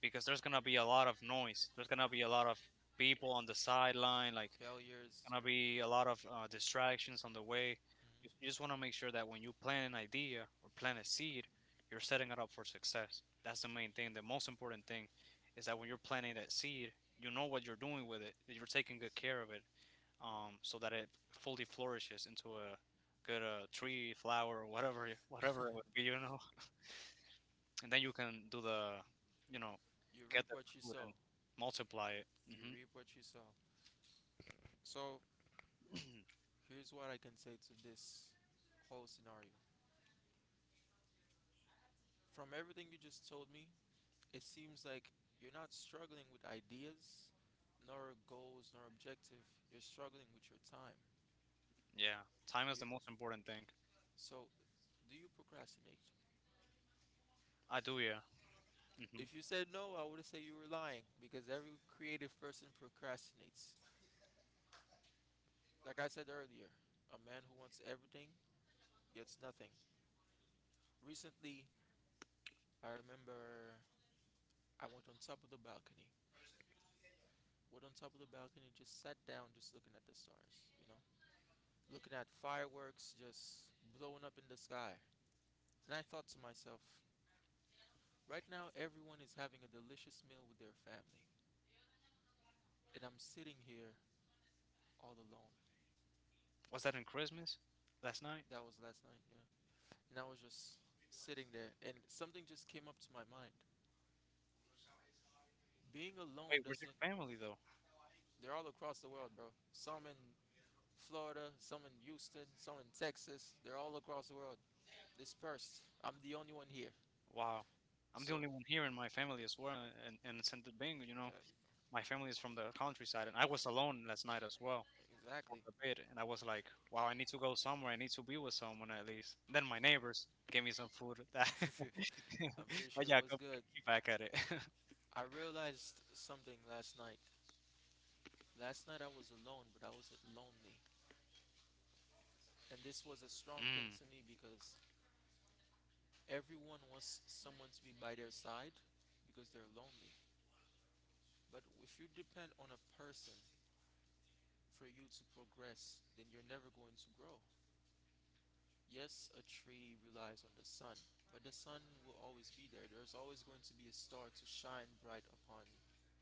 [SPEAKER 2] because there's gonna be a lot of noise. There's gonna be a lot of people on the sideline, like
[SPEAKER 1] Failures.
[SPEAKER 2] gonna be a lot of distractions on the way. You
[SPEAKER 1] Mhm.
[SPEAKER 2] you just want to make sure that when you plant an idea or plant a seed, you're setting it up for success. That's the main thing. The most important thing is that when you're planting that seed, you know what you're doing with it. That you're taking good care of it, so that it fully flourishes into a good tree, flower, or whatever, whatever it would be, you know. And then you can do the, you know,
[SPEAKER 1] You
[SPEAKER 2] get
[SPEAKER 1] reap
[SPEAKER 2] the
[SPEAKER 1] what you
[SPEAKER 2] fruit and
[SPEAKER 1] sow.
[SPEAKER 2] multiply it.
[SPEAKER 1] You reap what you sow. So, here's what I can say to this whole scenario. From everything you just told me, it seems like you're not struggling with ideas, nor goals, nor objective. You're struggling with your time.
[SPEAKER 2] Yeah, time is the
[SPEAKER 1] You
[SPEAKER 2] most important thing.
[SPEAKER 1] so do you procrastinate?
[SPEAKER 2] I do, yeah. hmm
[SPEAKER 1] If you said no, I would have said you were lying because every creative person procrastinates. Like I said earlier, a man who wants everything gets nothing. Recently, I remember I went on top of the balcony. Went on top of the balcony, just sat down, just looking at the stars, you know? Looking at fireworks just blowing up in the sky. And I thought to myself, right now everyone is having a delicious meal with their family. And I'm sitting here all alone.
[SPEAKER 2] Was that in Christmas last night?
[SPEAKER 1] That was last night, yeah. And I was just sitting there, and something just came up to my mind. Being
[SPEAKER 2] Wait,
[SPEAKER 1] alone
[SPEAKER 2] where's your
[SPEAKER 1] doesn't.
[SPEAKER 2] family though?
[SPEAKER 1] They're all across the world, bro. Some in Florida, some in Houston, some in Texas. They're all across the world, dispersed. I'm the only one here.
[SPEAKER 2] Wow. I'm the
[SPEAKER 1] So,
[SPEAKER 2] only one here in my family as well, and in Santo Domingo, you know,
[SPEAKER 1] uh,
[SPEAKER 2] my family is from the countryside, and I was alone last night as well for
[SPEAKER 1] exactly.
[SPEAKER 2] a bit, and I was like, wow, I need to go somewhere. I need to be with someone at least. Then my neighbors gave me some food. That
[SPEAKER 1] I'm pretty
[SPEAKER 2] but
[SPEAKER 1] sure it
[SPEAKER 2] yeah,
[SPEAKER 1] was
[SPEAKER 2] go
[SPEAKER 1] good.
[SPEAKER 2] keep back at it.
[SPEAKER 1] I realized something last night. Last night I was alone, but I wasn't lonely. And this was a strong thing
[SPEAKER 2] Mm,
[SPEAKER 1] to me because everyone wants someone to be by their side because they're lonely. But if you depend on a person for you to progress, then you're never going to grow. Yes, a tree relies on the sun, but the sun will always be there. There's always going to be a star to shine bright upon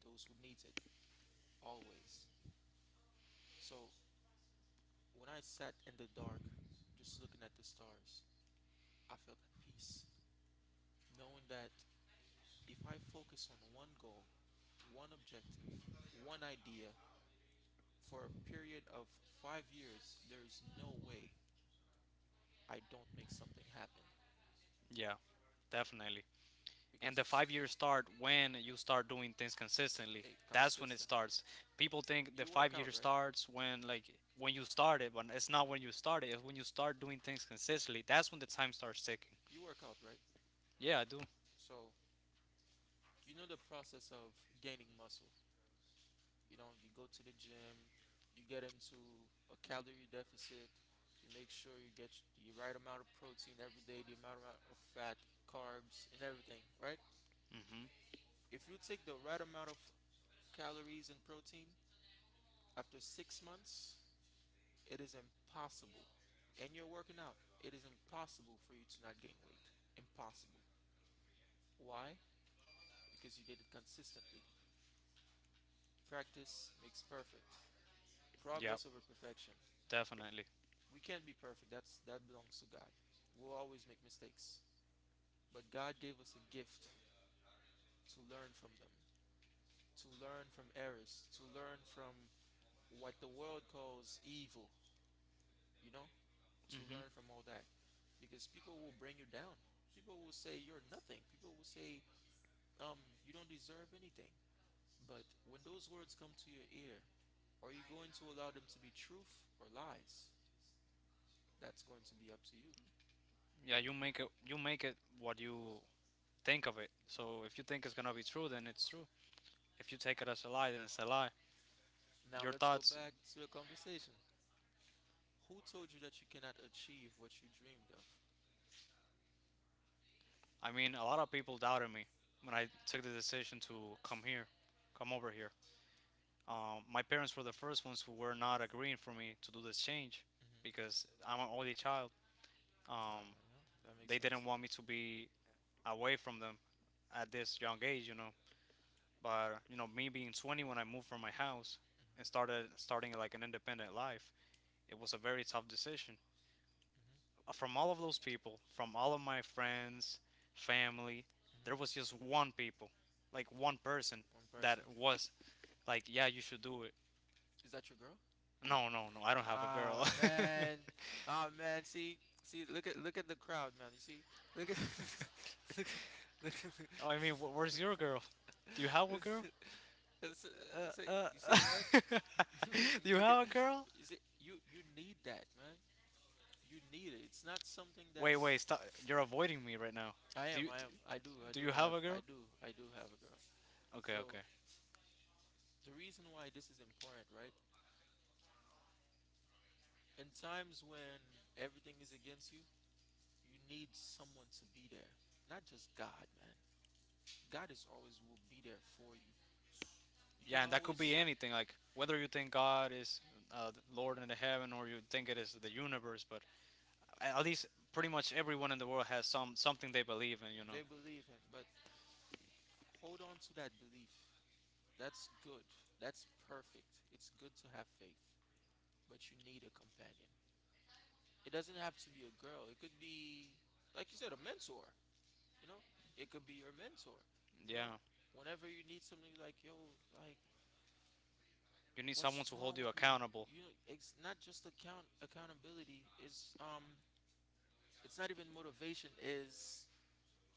[SPEAKER 1] those who need it, always. So when I sat in the dark, just looking at the stars, I felt at peace, knowing that if I focus on one goal, one objective, one idea for a period of 5 years, there is no way I don't make something happen
[SPEAKER 2] yeah, definitely. And
[SPEAKER 1] because
[SPEAKER 2] the 5 years start when you start doing things consistently.
[SPEAKER 1] it
[SPEAKER 2] That's when it
[SPEAKER 1] consistently.
[SPEAKER 2] starts. People think the
[SPEAKER 1] You
[SPEAKER 2] five
[SPEAKER 1] work out,
[SPEAKER 2] years
[SPEAKER 1] right?
[SPEAKER 2] starts when like when you start it, but it's not when you start it. It's when you start doing things consistently. That's when the time starts ticking.
[SPEAKER 1] You work out, right?
[SPEAKER 2] Yeah, I do.
[SPEAKER 1] So you know the process of gaining muscle. You know, you go to the gym, you get into a calorie deficit, you make sure you get the right amount of protein every day, the amount of fat, carbs, and everything, right?
[SPEAKER 2] Mhm.
[SPEAKER 1] If you take the right amount of calories and protein after 6 months, it is impossible. And you're working out, it is impossible for you to not gain weight. Impossible. Why? Because you did it consistently. Practice makes perfect.
[SPEAKER 2] Yeah,
[SPEAKER 1] Progress over perfection.
[SPEAKER 2] definitely.
[SPEAKER 1] We can't be perfect. That belongs to God. We'll always make mistakes. But God gave us a gift to learn from them, to learn from errors, to learn from what the world calls evil, you know? To
[SPEAKER 2] Mhm.
[SPEAKER 1] learn from all that because people will bring you down. People will say you're nothing. People will say um you don't deserve anything. But when those words come to your ear, are you going to allow them to be truth or lies? That's going to be up to you.
[SPEAKER 2] Yeah, you make it. You make it what you think of it. So if you think it's gonna be true, then it's true. If you take it as a lie, then it's a lie.
[SPEAKER 1] Now
[SPEAKER 2] Your
[SPEAKER 1] let's go
[SPEAKER 2] thoughts.
[SPEAKER 1] back to the conversation. Who told you that you cannot achieve what you dreamed of?
[SPEAKER 2] I mean, a lot of people doubted me when I took the decision to come here, come over here. My parents were the first ones who were
[SPEAKER 1] Hmm.
[SPEAKER 2] not agreeing for me to do this change because I'm an only child. Um,
[SPEAKER 1] Yeah, that makes
[SPEAKER 2] they
[SPEAKER 1] sense.
[SPEAKER 2] didn't want me to be away from them at this young age, you know. But you know, me being 20 when I moved from my house and
[SPEAKER 1] Hmm.
[SPEAKER 2] started starting like an independent life, it was a very tough decision. From all of those people, from all of my friends, family, there was just one people, like one person
[SPEAKER 1] One
[SPEAKER 2] that
[SPEAKER 1] person.
[SPEAKER 2] was like, "Yeah, you should do it."
[SPEAKER 1] Is that your girl?
[SPEAKER 2] No, no, no, I don't have a
[SPEAKER 1] Ah,
[SPEAKER 2] girl.
[SPEAKER 1] man, ah, man. See, see. Look at, look at the crowd, man. You see, look at, look at, look at.
[SPEAKER 2] Oh, I mean, where's your girl? Do you have a girl?
[SPEAKER 1] It's- it's-
[SPEAKER 2] Uh,
[SPEAKER 1] you say
[SPEAKER 2] uh,
[SPEAKER 1] what?
[SPEAKER 2] do you
[SPEAKER 1] Look at,
[SPEAKER 2] have a girl?
[SPEAKER 1] you you need that, man. You need it. It's not something
[SPEAKER 2] Wait,
[SPEAKER 1] that's.
[SPEAKER 2] wait, stop. You're avoiding me right now.
[SPEAKER 1] I
[SPEAKER 2] Do
[SPEAKER 1] am.
[SPEAKER 2] you
[SPEAKER 1] I am. I do. I
[SPEAKER 2] do
[SPEAKER 1] do
[SPEAKER 2] you have
[SPEAKER 1] have.
[SPEAKER 2] a
[SPEAKER 1] I
[SPEAKER 2] girl?
[SPEAKER 1] do. I do have a girl.
[SPEAKER 2] Okay,
[SPEAKER 1] So
[SPEAKER 2] okay.
[SPEAKER 1] the reason why this is important, right? In times when everything is against you, you need someone to be there. Not just God, man. God is always will be there for you. You
[SPEAKER 2] Yeah,
[SPEAKER 1] can
[SPEAKER 2] and that could be
[SPEAKER 1] always
[SPEAKER 2] anything, like whether you think God is the Lord in the heaven or you think it is the universe, but at least pretty much everyone in the world has some something they believe in, you know.
[SPEAKER 1] they believe in, but hold on to that belief. That's good. That's perfect. It's good to have faith, but you need a companion. It doesn't have to be a girl. It could be, like you said, a mentor. You know, it could be your mentor. You know,
[SPEAKER 2] Yeah,
[SPEAKER 1] whenever you need something, you're like, yo, like,
[SPEAKER 2] you need someone
[SPEAKER 1] what's
[SPEAKER 2] to hold
[SPEAKER 1] wrong
[SPEAKER 2] you
[SPEAKER 1] with me?
[SPEAKER 2] accountable.
[SPEAKER 1] You know, it's not just accountability. Is It's not even motivation. Is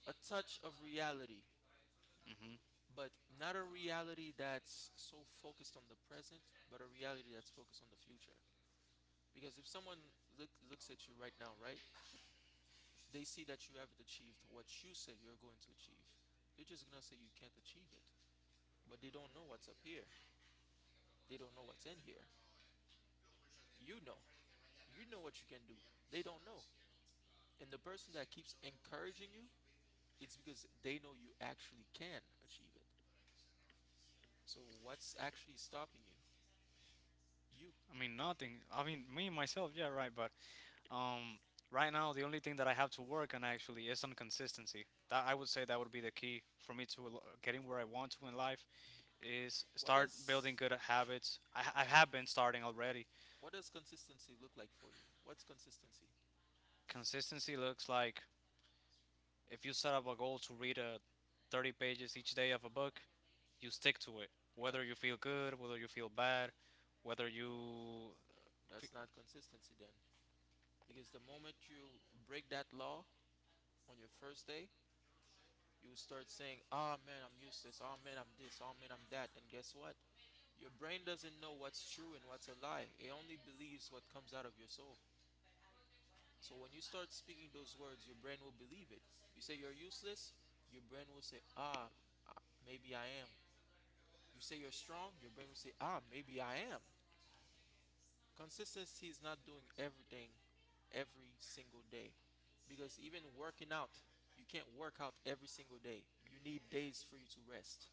[SPEAKER 1] a touch of reality,
[SPEAKER 2] hmm
[SPEAKER 1] but not a reality that's so focused on the present, but a reality that's focused on the future. Because if someone looks at you right now, right, they see that you haven't achieved what you said you're going to achieve. They're just gonna say you can't achieve it, but they don't know what's up here. They don't know what's in here. You know. You know what you can do. They don't know. And the person that keeps encouraging you, it's because they know you actually can achieve it. So what's actually stopping you? You.
[SPEAKER 2] I mean, nothing. I mean, me myself, yeah, right, but Um, right now, the only thing that I have to work on actually is on consistency. That I would say that would be the key for me to getting where I want to in life is
[SPEAKER 1] Mm-hmm. What
[SPEAKER 2] start
[SPEAKER 1] does
[SPEAKER 2] building good habits. I have been starting already.
[SPEAKER 1] what does consistency look like for you? What's consistency?
[SPEAKER 2] Consistency looks like if you set up a goal to read a 30 pages each day of a book, you stick to it.
[SPEAKER 1] That
[SPEAKER 2] Whether you feel good, whether you feel bad, whether you
[SPEAKER 1] that's not consistency then. Because the moment you break that law on your first day, you start saying, "Oh man, I'm useless. Oh man, I'm this. Oh man, I'm that." And guess what? Your brain doesn't know what's true and what's a lie. It only believes what comes out of your soul. So when you start speaking those words, your brain will believe it. You say you're useless, your brain will say, ah, uh, maybe I am. You say you're strong, your brain will say, ah, maybe I am. Consistency is not doing everything every single day. Because even working out, you can't work out every single day. You need days for you to rest.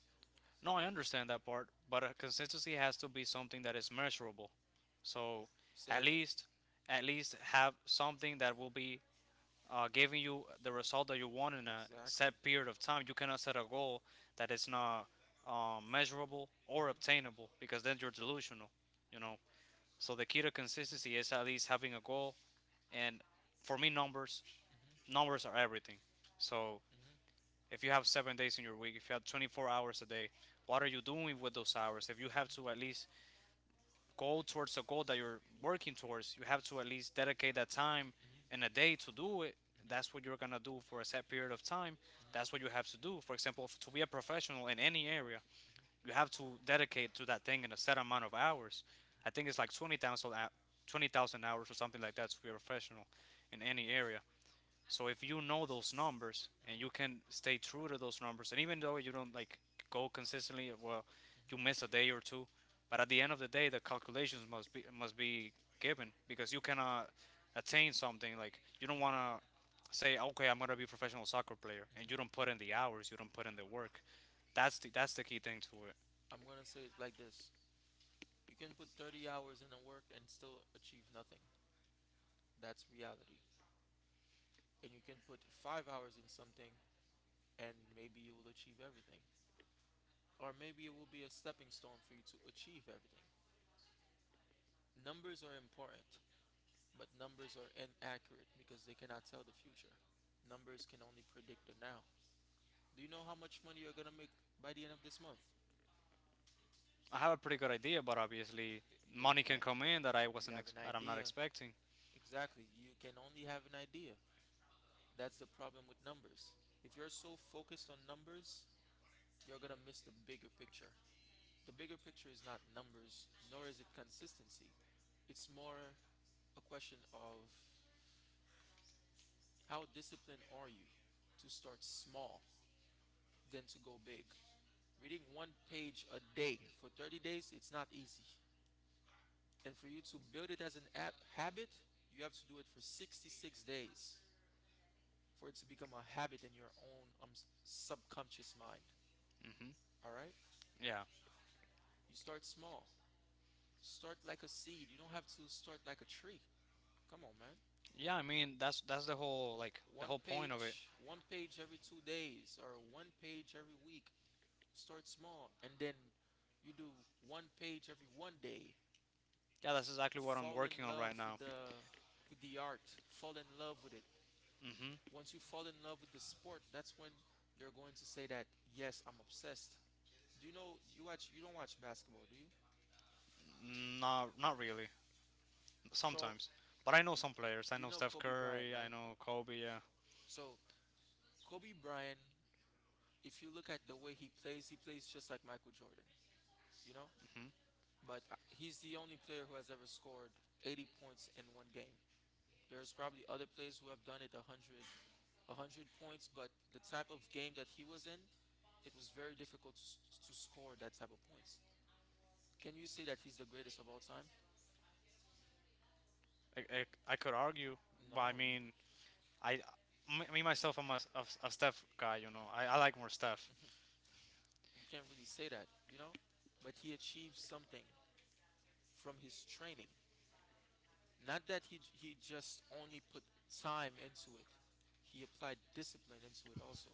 [SPEAKER 2] No, I understand that part, but a consistency has to be something that is measurable. So
[SPEAKER 1] Say
[SPEAKER 2] at
[SPEAKER 1] it like
[SPEAKER 2] least, at least have something that will be giving you the result that you want in a
[SPEAKER 1] exactly.
[SPEAKER 2] set period of time. You cannot set a goal that is not measurable or
[SPEAKER 1] Mhm.
[SPEAKER 2] obtainable because then you're delusional, you know. So the key to consistency is at least having a goal, and for me, numbers are everything. So
[SPEAKER 1] Mhm. Mhm.
[SPEAKER 2] if you have 7 days in your week, if you have 24 hours a day, what are you doing with those hours? If you have to at least go towards a goal that you're working towards, you have to at least dedicate that time
[SPEAKER 1] Mhm.
[SPEAKER 2] in a day to do it.
[SPEAKER 1] Mhm.
[SPEAKER 2] That's what
[SPEAKER 1] Mhm.
[SPEAKER 2] you're gonna do for a set period of time. That's what you have to do. For example, to be a professional in any area, you have to dedicate to that thing in a set amount of hours. I think it's like 20,000 hours or something like that to be a professional in any area. So if you know those numbers and you can stay true to those numbers, and even though you don't like go consistently, well, you miss a day or two, but at the end of the day, the calculations must be given because you cannot attain something like you don't want to say, okay, I'm gonna be a professional soccer player, and you don't put in the hours, you don't put in the work. That's the key thing to it.
[SPEAKER 1] I'm gonna say it like this: You can put 30 hours in a work and still achieve nothing. That's reality. And you can put 5 hours in something and maybe you will achieve everything. Or maybe it will be a stepping stone for you to achieve everything. Numbers are important, but numbers are inaccurate because they cannot tell the future. Numbers can only predict the now. Do you know how much money you're gonna make by the end of this month?
[SPEAKER 2] I have a pretty good idea, but obviously
[SPEAKER 1] You have
[SPEAKER 2] money
[SPEAKER 1] an
[SPEAKER 2] can come in that I
[SPEAKER 1] you
[SPEAKER 2] wasn't
[SPEAKER 1] have
[SPEAKER 2] ex-
[SPEAKER 1] an
[SPEAKER 2] that I'm not
[SPEAKER 1] idea.
[SPEAKER 2] expecting.
[SPEAKER 1] Exactly. You can only have an idea. That's the problem with numbers. If you're so focused on numbers, you're gonna miss the bigger picture. The bigger picture is not numbers, nor is it consistency. It's more a question of how disciplined are you to start small than to go big. Reading one page a day for 30 days, it's not easy. And for you to build it as an habit, you have to do it for 66 days for it to become a habit in your own subconscious mind.
[SPEAKER 2] hmm
[SPEAKER 1] All right?
[SPEAKER 2] Yeah.
[SPEAKER 1] You start small. Start like a seed. You don't have to start like a tree. Come on, man.
[SPEAKER 2] Yeah, I mean that's the whole like the whole point of it.
[SPEAKER 1] One page every 2 days, or one page every week. Start small, and then you do one page every one day.
[SPEAKER 2] Yeah, that's exactly what I'm
[SPEAKER 1] Fall
[SPEAKER 2] working
[SPEAKER 1] in
[SPEAKER 2] on
[SPEAKER 1] love
[SPEAKER 2] right now.
[SPEAKER 1] with the art. Fall in love with it. Once you fall in love with the sport, that's when you're going to say that yes, I'm obsessed. Do you know you watch? You don't watch basketball, do you?
[SPEAKER 2] Mhm. Not not really.
[SPEAKER 1] So
[SPEAKER 2] Sometimes, but I know some players. I
[SPEAKER 1] you
[SPEAKER 2] know
[SPEAKER 1] know
[SPEAKER 2] Steph
[SPEAKER 1] Kobe Bryant,
[SPEAKER 2] Curry. I
[SPEAKER 1] right?
[SPEAKER 2] know Kobe. Yeah.
[SPEAKER 1] So Kobe Bryant, if you look at the way he plays just like Michael Jordan. You know,
[SPEAKER 2] Mhm.
[SPEAKER 1] but he's the only player who has ever scored 80 points in one game. There's probably other players who have done it 100, 100 points, but the type of game that he was in, it was very difficult to score that type of points. Can you say that he's the greatest of all time?
[SPEAKER 2] I could argue, but I
[SPEAKER 1] No,
[SPEAKER 2] mean, I myself, I'm a Steph guy. You know, I like more Steph.
[SPEAKER 1] you can't really say that, you know? But he achieved something from his training. Not that he just only put time into it, he applied discipline into it also.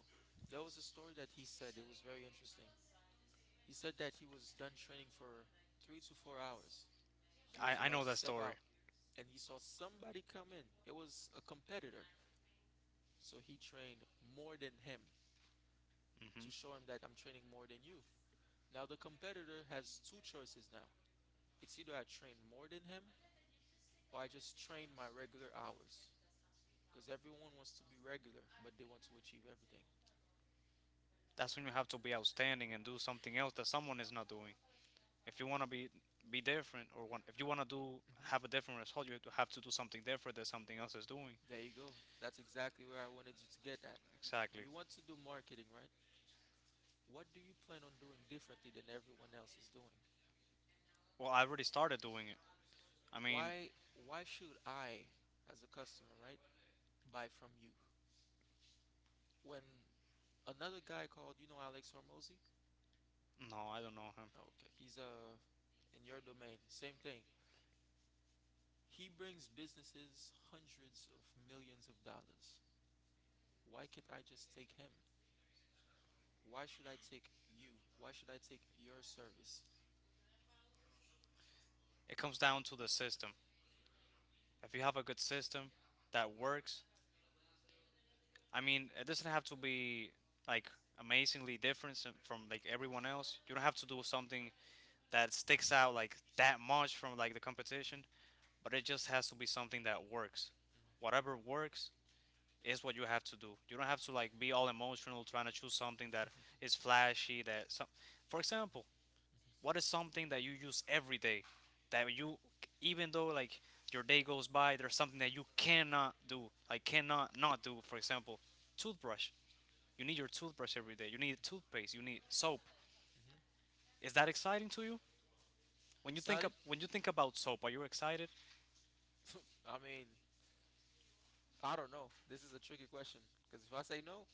[SPEAKER 1] There was a story that he said, it was very interesting. He said that he was done training for 3 to 4 hours. He was
[SPEAKER 2] I know
[SPEAKER 1] about to
[SPEAKER 2] that
[SPEAKER 1] step
[SPEAKER 2] story.
[SPEAKER 1] out and he saw somebody come in. It was a competitor. So he trained more than him
[SPEAKER 2] Mhm.
[SPEAKER 1] to show him that I'm training more than you. Now the competitor has two choices now. It's either I train more than him or I just train my regular hours. Because everyone wants to be regular, but they want to achieve everything.
[SPEAKER 2] That's when you have to be outstanding and do something else that someone is not doing. If you want to be different or want, if you want to do have a
[SPEAKER 1] Hmm.
[SPEAKER 2] different result, you have to do something different that something else is doing.
[SPEAKER 1] There you go. That's exactly where I wanted you to get at.
[SPEAKER 2] Exactly.
[SPEAKER 1] You want to do marketing, right? What do you plan on doing differently than everyone else is doing?
[SPEAKER 2] Well, I already started doing it. I mean,
[SPEAKER 1] Why should I, as a customer, right, buy from you? When another guy called, you know Alex Hormozy?
[SPEAKER 2] no, I don't know him.
[SPEAKER 1] Oh, okay, he's in your domain, same thing. He brings businesses hundreds of millions of dollars. Why can't I just take him? Why should I take you? Why should I take your service?
[SPEAKER 2] It comes down to the system. If you have a good system that works, I mean, it doesn't have to be like amazingly different from like everyone else. You don't have to do something that sticks out like that much from like the
[SPEAKER 1] Mhm.
[SPEAKER 2] competition,
[SPEAKER 1] We all
[SPEAKER 2] but it just has to be something that works.
[SPEAKER 1] emotional
[SPEAKER 2] Whatever works, is what you have to do. You don't have to like be all emotional trying to choose something that
[SPEAKER 1] something.
[SPEAKER 2] is flashy. That some, for example, what is something that you use every day that you, even though like your day goes by, there's something that you cannot do, like cannot not do. For example, toothbrush. You need your toothbrush every day. You need toothpaste. You need soap.
[SPEAKER 1] Hmm.
[SPEAKER 2] Is that exciting to you? When you think of,
[SPEAKER 1] Exciting?
[SPEAKER 2] when you think about soap, are you excited?
[SPEAKER 1] I mean, I don't know. This is a tricky question because if I say no,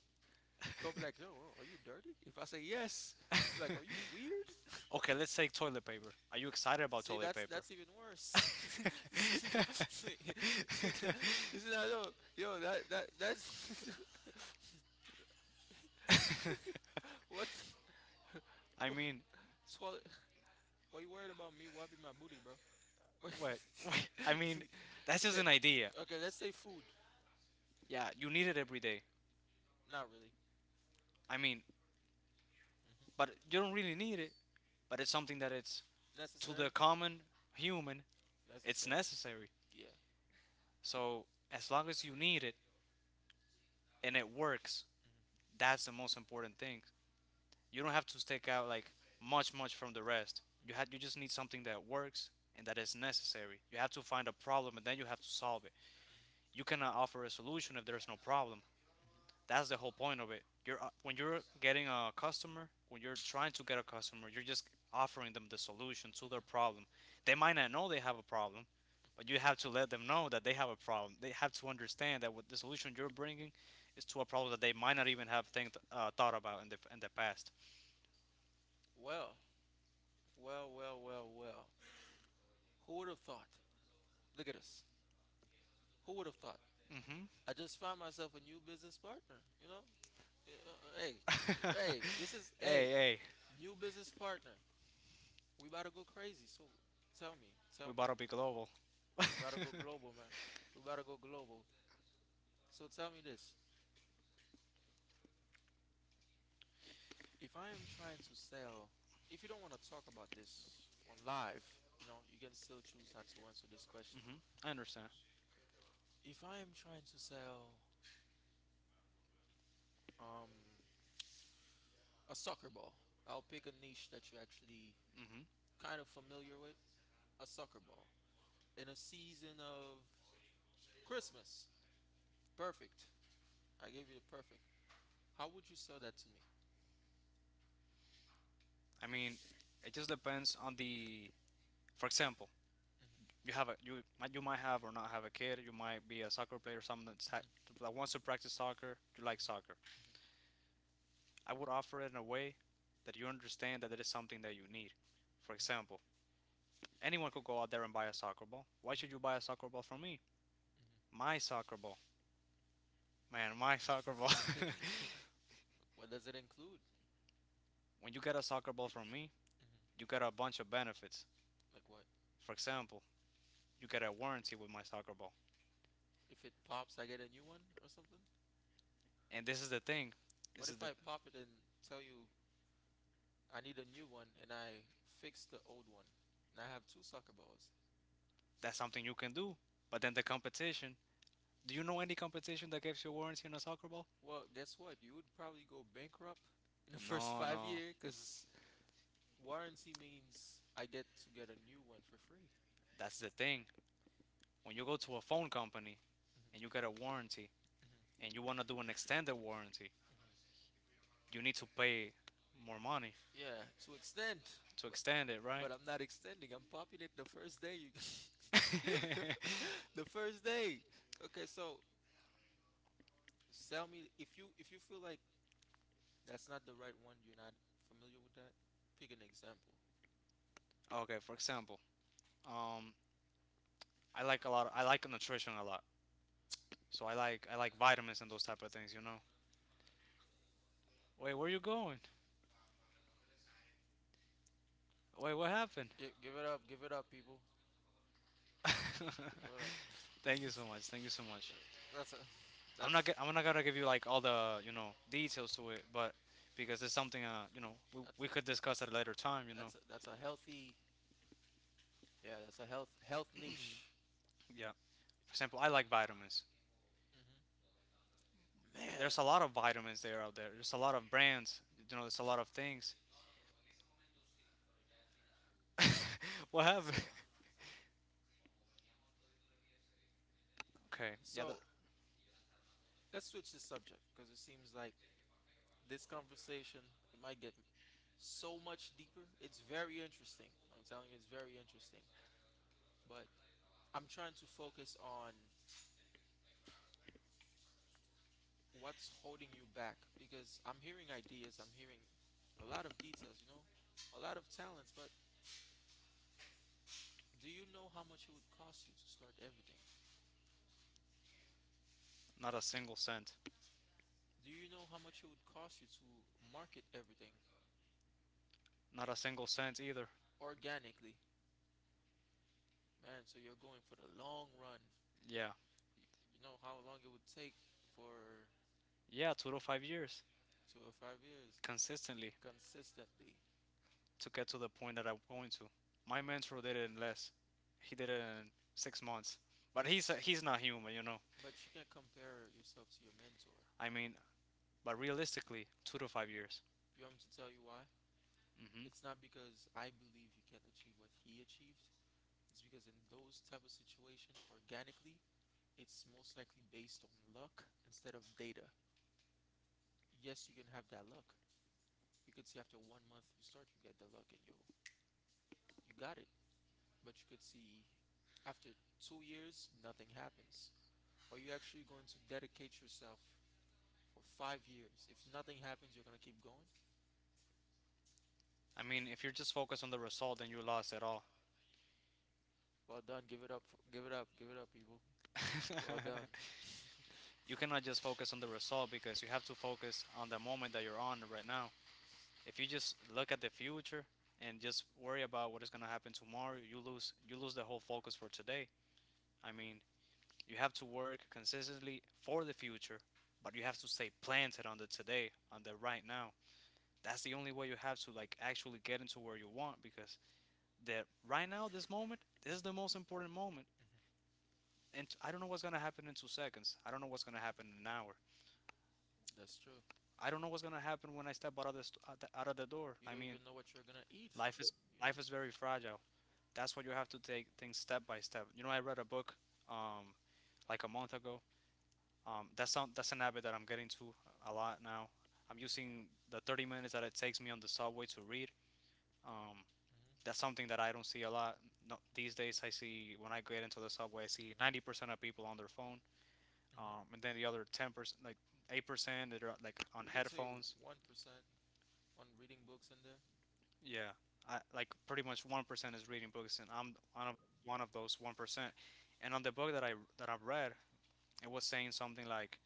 [SPEAKER 1] go be like, "Yo, are you dirty?" If I say yes, be like, "Are you weird?"
[SPEAKER 2] Okay, let's take toilet paper. Are you excited about
[SPEAKER 1] See,
[SPEAKER 2] toilet paper?
[SPEAKER 1] that's even worse. See, no, see, see, you see that, yo, yo, that's what
[SPEAKER 2] I
[SPEAKER 1] what
[SPEAKER 2] mean,
[SPEAKER 1] toilet? Why you worried about me wiping my booty, bro?
[SPEAKER 2] what? I mean, that's just
[SPEAKER 1] Okay,
[SPEAKER 2] an idea.
[SPEAKER 1] okay. Let's say food.
[SPEAKER 2] Yeah, you need it every day.
[SPEAKER 1] Not really.
[SPEAKER 2] I mean, but
[SPEAKER 1] Hmm.
[SPEAKER 2] you don't really need it. But it's something that it's to
[SPEAKER 1] Necessary.
[SPEAKER 2] the common human, it's
[SPEAKER 1] Necessary.
[SPEAKER 2] necessary.
[SPEAKER 1] Yeah.
[SPEAKER 2] So as long as you need it and it works, that's the most important thing. You don't have to stick out like much much from the rest. You just need something that works and that is necessary. You have to find a problem and then you have to solve it. You cannot offer a solution if there's no problem. That's the whole point of it. You're when you're getting a customer, when you're trying to get a customer, you're just offering them the solution to their problem. They might not know they have a problem, but you have to let them know that they have a problem. They have to understand that what the solution you're bringing is to a problem that they might not even have thought about in the past.
[SPEAKER 1] Well, well, well, well, well. Who would have thought? Look at us. Who would have thought?
[SPEAKER 2] hmm
[SPEAKER 1] I just found myself a new business partner. You know, yeah, hey, hey, this is
[SPEAKER 2] Hey,
[SPEAKER 1] hey
[SPEAKER 2] hey,
[SPEAKER 1] new business partner. We about to go crazy. So tell
[SPEAKER 2] we
[SPEAKER 1] me,
[SPEAKER 2] bought to be global.
[SPEAKER 1] we about to go
[SPEAKER 2] hmm
[SPEAKER 1] global, man. We about to go global. So tell me this: if I am trying to sell, if you don't want to talk about this on live, you know, you can still choose not to answer this question.
[SPEAKER 2] I understand.
[SPEAKER 1] If I am trying to sell um a soccer ball, I'll pick a niche that you're actually
[SPEAKER 2] hmm
[SPEAKER 1] kind of familiar with. A soccer ball. In a season of Christmas. Perfect. I gave you the perfect. How would you sell that to me?
[SPEAKER 2] I mean, it just depends on the. For example, you have a you you might have or not have a kid. You might be a soccer player, someone that's
[SPEAKER 1] Mhm, mhm,
[SPEAKER 2] that wants to practice soccer. You
[SPEAKER 1] mhm,
[SPEAKER 2] like soccer. I would offer it in a way that you understand that it is something that you need. For example, anyone could go out there and buy a soccer ball. Why should you buy a soccer ball from me?
[SPEAKER 1] mhm,
[SPEAKER 2] My soccer ball, man, my soccer ball.
[SPEAKER 1] mhm, mhm, mhm. What does it include?
[SPEAKER 2] When you get a soccer ball from me,
[SPEAKER 1] Mhm.
[SPEAKER 2] you get a bunch of benefits.
[SPEAKER 1] Like what?
[SPEAKER 2] For example, you get a warranty with my soccer ball.
[SPEAKER 1] If it pops, I get a new one or something?
[SPEAKER 2] And this is the thing.
[SPEAKER 1] What
[SPEAKER 2] This is
[SPEAKER 1] if
[SPEAKER 2] the
[SPEAKER 1] I pop it and tell you I need a new one and I fixed the old one. And I have two soccer balls.
[SPEAKER 2] that's something you can do. But then the competition. Do you know any competition that gives you a warranty on a soccer ball?
[SPEAKER 1] Well, guess what? You would probably go bankrupt in the first
[SPEAKER 2] No,
[SPEAKER 1] five
[SPEAKER 2] no.
[SPEAKER 1] year because warranty means I get to get a new one for free.
[SPEAKER 2] That's the thing. When you go to a phone company and you get
[SPEAKER 1] Mm-hmm,
[SPEAKER 2] a warranty and you want to do an extended warranty,
[SPEAKER 1] mm-hmm, mm-hmm.
[SPEAKER 2] you need to pay more money
[SPEAKER 1] Yeah, to extend,
[SPEAKER 2] to
[SPEAKER 1] but
[SPEAKER 2] extend it, right?
[SPEAKER 1] but I'm not extending. I'm popping it the first day you, the, the first day. Okay, so tell me if you feel like that's not the right one, you're not familiar with that. Pick an example.
[SPEAKER 2] Okay, for example, um, I like a lot. I like nutrition a lot. So I like vitamins and those type of things, you know. Wait, where you going? Wait, what happened?
[SPEAKER 1] Give it up, give it up, people. Hold up.
[SPEAKER 2] Thank you so much. Thank you so much.
[SPEAKER 1] That's a that's
[SPEAKER 2] I'm not gonna give you like all the details to it, but because it's something you know
[SPEAKER 1] that's
[SPEAKER 2] we could discuss at a later time, you know.
[SPEAKER 1] that's a, that's a healthy, yeah, that's a health niche.
[SPEAKER 2] Yeah. For example, I like vitamins.
[SPEAKER 1] Mm-hmm. Man.
[SPEAKER 2] There's a lot of vitamins there out there. There's a lot of brands. You know, there's a lot of things. What
[SPEAKER 1] So
[SPEAKER 2] happened? Okay. Yeah.
[SPEAKER 1] so let's switch the subject because it seems like this conversation it might get so much deeper. It's very interesting. I'm telling you, it's very interesting. But I'm trying to focus on what's holding you back because I'm hearing ideas. I'm hearing a lot of details. You know, a lot of talents, but do you know how much it would cost you to start everything?
[SPEAKER 2] Not a single cent.
[SPEAKER 1] Do you know how much it would cost you to market everything
[SPEAKER 2] Not a single cent either.
[SPEAKER 1] organically? Man, so you're going for the long run.
[SPEAKER 2] Yeah.
[SPEAKER 1] You know how long it would take for
[SPEAKER 2] Yeah. Total 5 years
[SPEAKER 1] 2 or 5 years
[SPEAKER 2] consistently,
[SPEAKER 1] consistently.
[SPEAKER 2] to get to the point that I'm going to. My mentor did it in less. He did it in 6 months.
[SPEAKER 1] But
[SPEAKER 2] But
[SPEAKER 1] you,
[SPEAKER 2] he's not human, you know.
[SPEAKER 1] but you can't compare yourself to your mentor.
[SPEAKER 2] I mean, but realistically, 2 to 5 years.
[SPEAKER 1] You want me to tell you why?
[SPEAKER 2] Hmm.
[SPEAKER 1] It's not because I believe you can't achieve what he achieved. It's because in those type of situations, organically, it's most likely based on luck instead of data. Yes, you can have that luck. You could see after one month you start, you get the luck, and you got it. But you could see after 2 years nothing happens. Are you actually going to dedicate yourself for 5 years? If nothing happens, you're gonna keep going.
[SPEAKER 2] I mean, if you're just focused on the result, then you lost it all.
[SPEAKER 1] Well done. Give it up. Give it up. Give it up, people. Well done.
[SPEAKER 2] You cannot just focus on the result because you have to focus on the moment that you're on right now. If you just look at the future and just worry about what is gonna happen tomorrow, you lose the whole focus for today. I mean, you have to work consistently for the future, but you have to stay planted on the today, on the right now. That's the only way you have to like actually get into where you want because the right now, this moment, this
[SPEAKER 1] Mhm,
[SPEAKER 2] is the most important moment.
[SPEAKER 1] mhm.
[SPEAKER 2] And I don't know what's gonna happen in 2 seconds. I don't know what's gonna happen in an hour.
[SPEAKER 1] That's true.
[SPEAKER 2] I don't know what's gonna happen when I step out of the door.
[SPEAKER 1] You
[SPEAKER 2] I
[SPEAKER 1] don't
[SPEAKER 2] mean,
[SPEAKER 1] even know what you're gonna eat.
[SPEAKER 2] life is
[SPEAKER 1] You know.
[SPEAKER 2] life is very fragile. That's why you have to take
[SPEAKER 1] Yeah.
[SPEAKER 2] things step by step. You know, I read a book um like a month ago. That's an habit that I'm getting to a lot now. I'm
[SPEAKER 1] Mm-hmm.
[SPEAKER 2] using the 30 minutes that it takes me on the subway to read. Um,
[SPEAKER 1] Mm-hmm.
[SPEAKER 2] that's something that I don't see a lot, no, these days. I see when I get into the subway, I see 90% of people on their phone,
[SPEAKER 1] Mm-hmm.
[SPEAKER 2] and then the other 10%, like 8%, they're like on
[SPEAKER 1] You could say
[SPEAKER 2] headphones.
[SPEAKER 1] 1% on reading books in there.
[SPEAKER 2] Yeah, like pretty much 1% is reading books, and I'm one of those 1%. And on the book that I've read, it was saying something like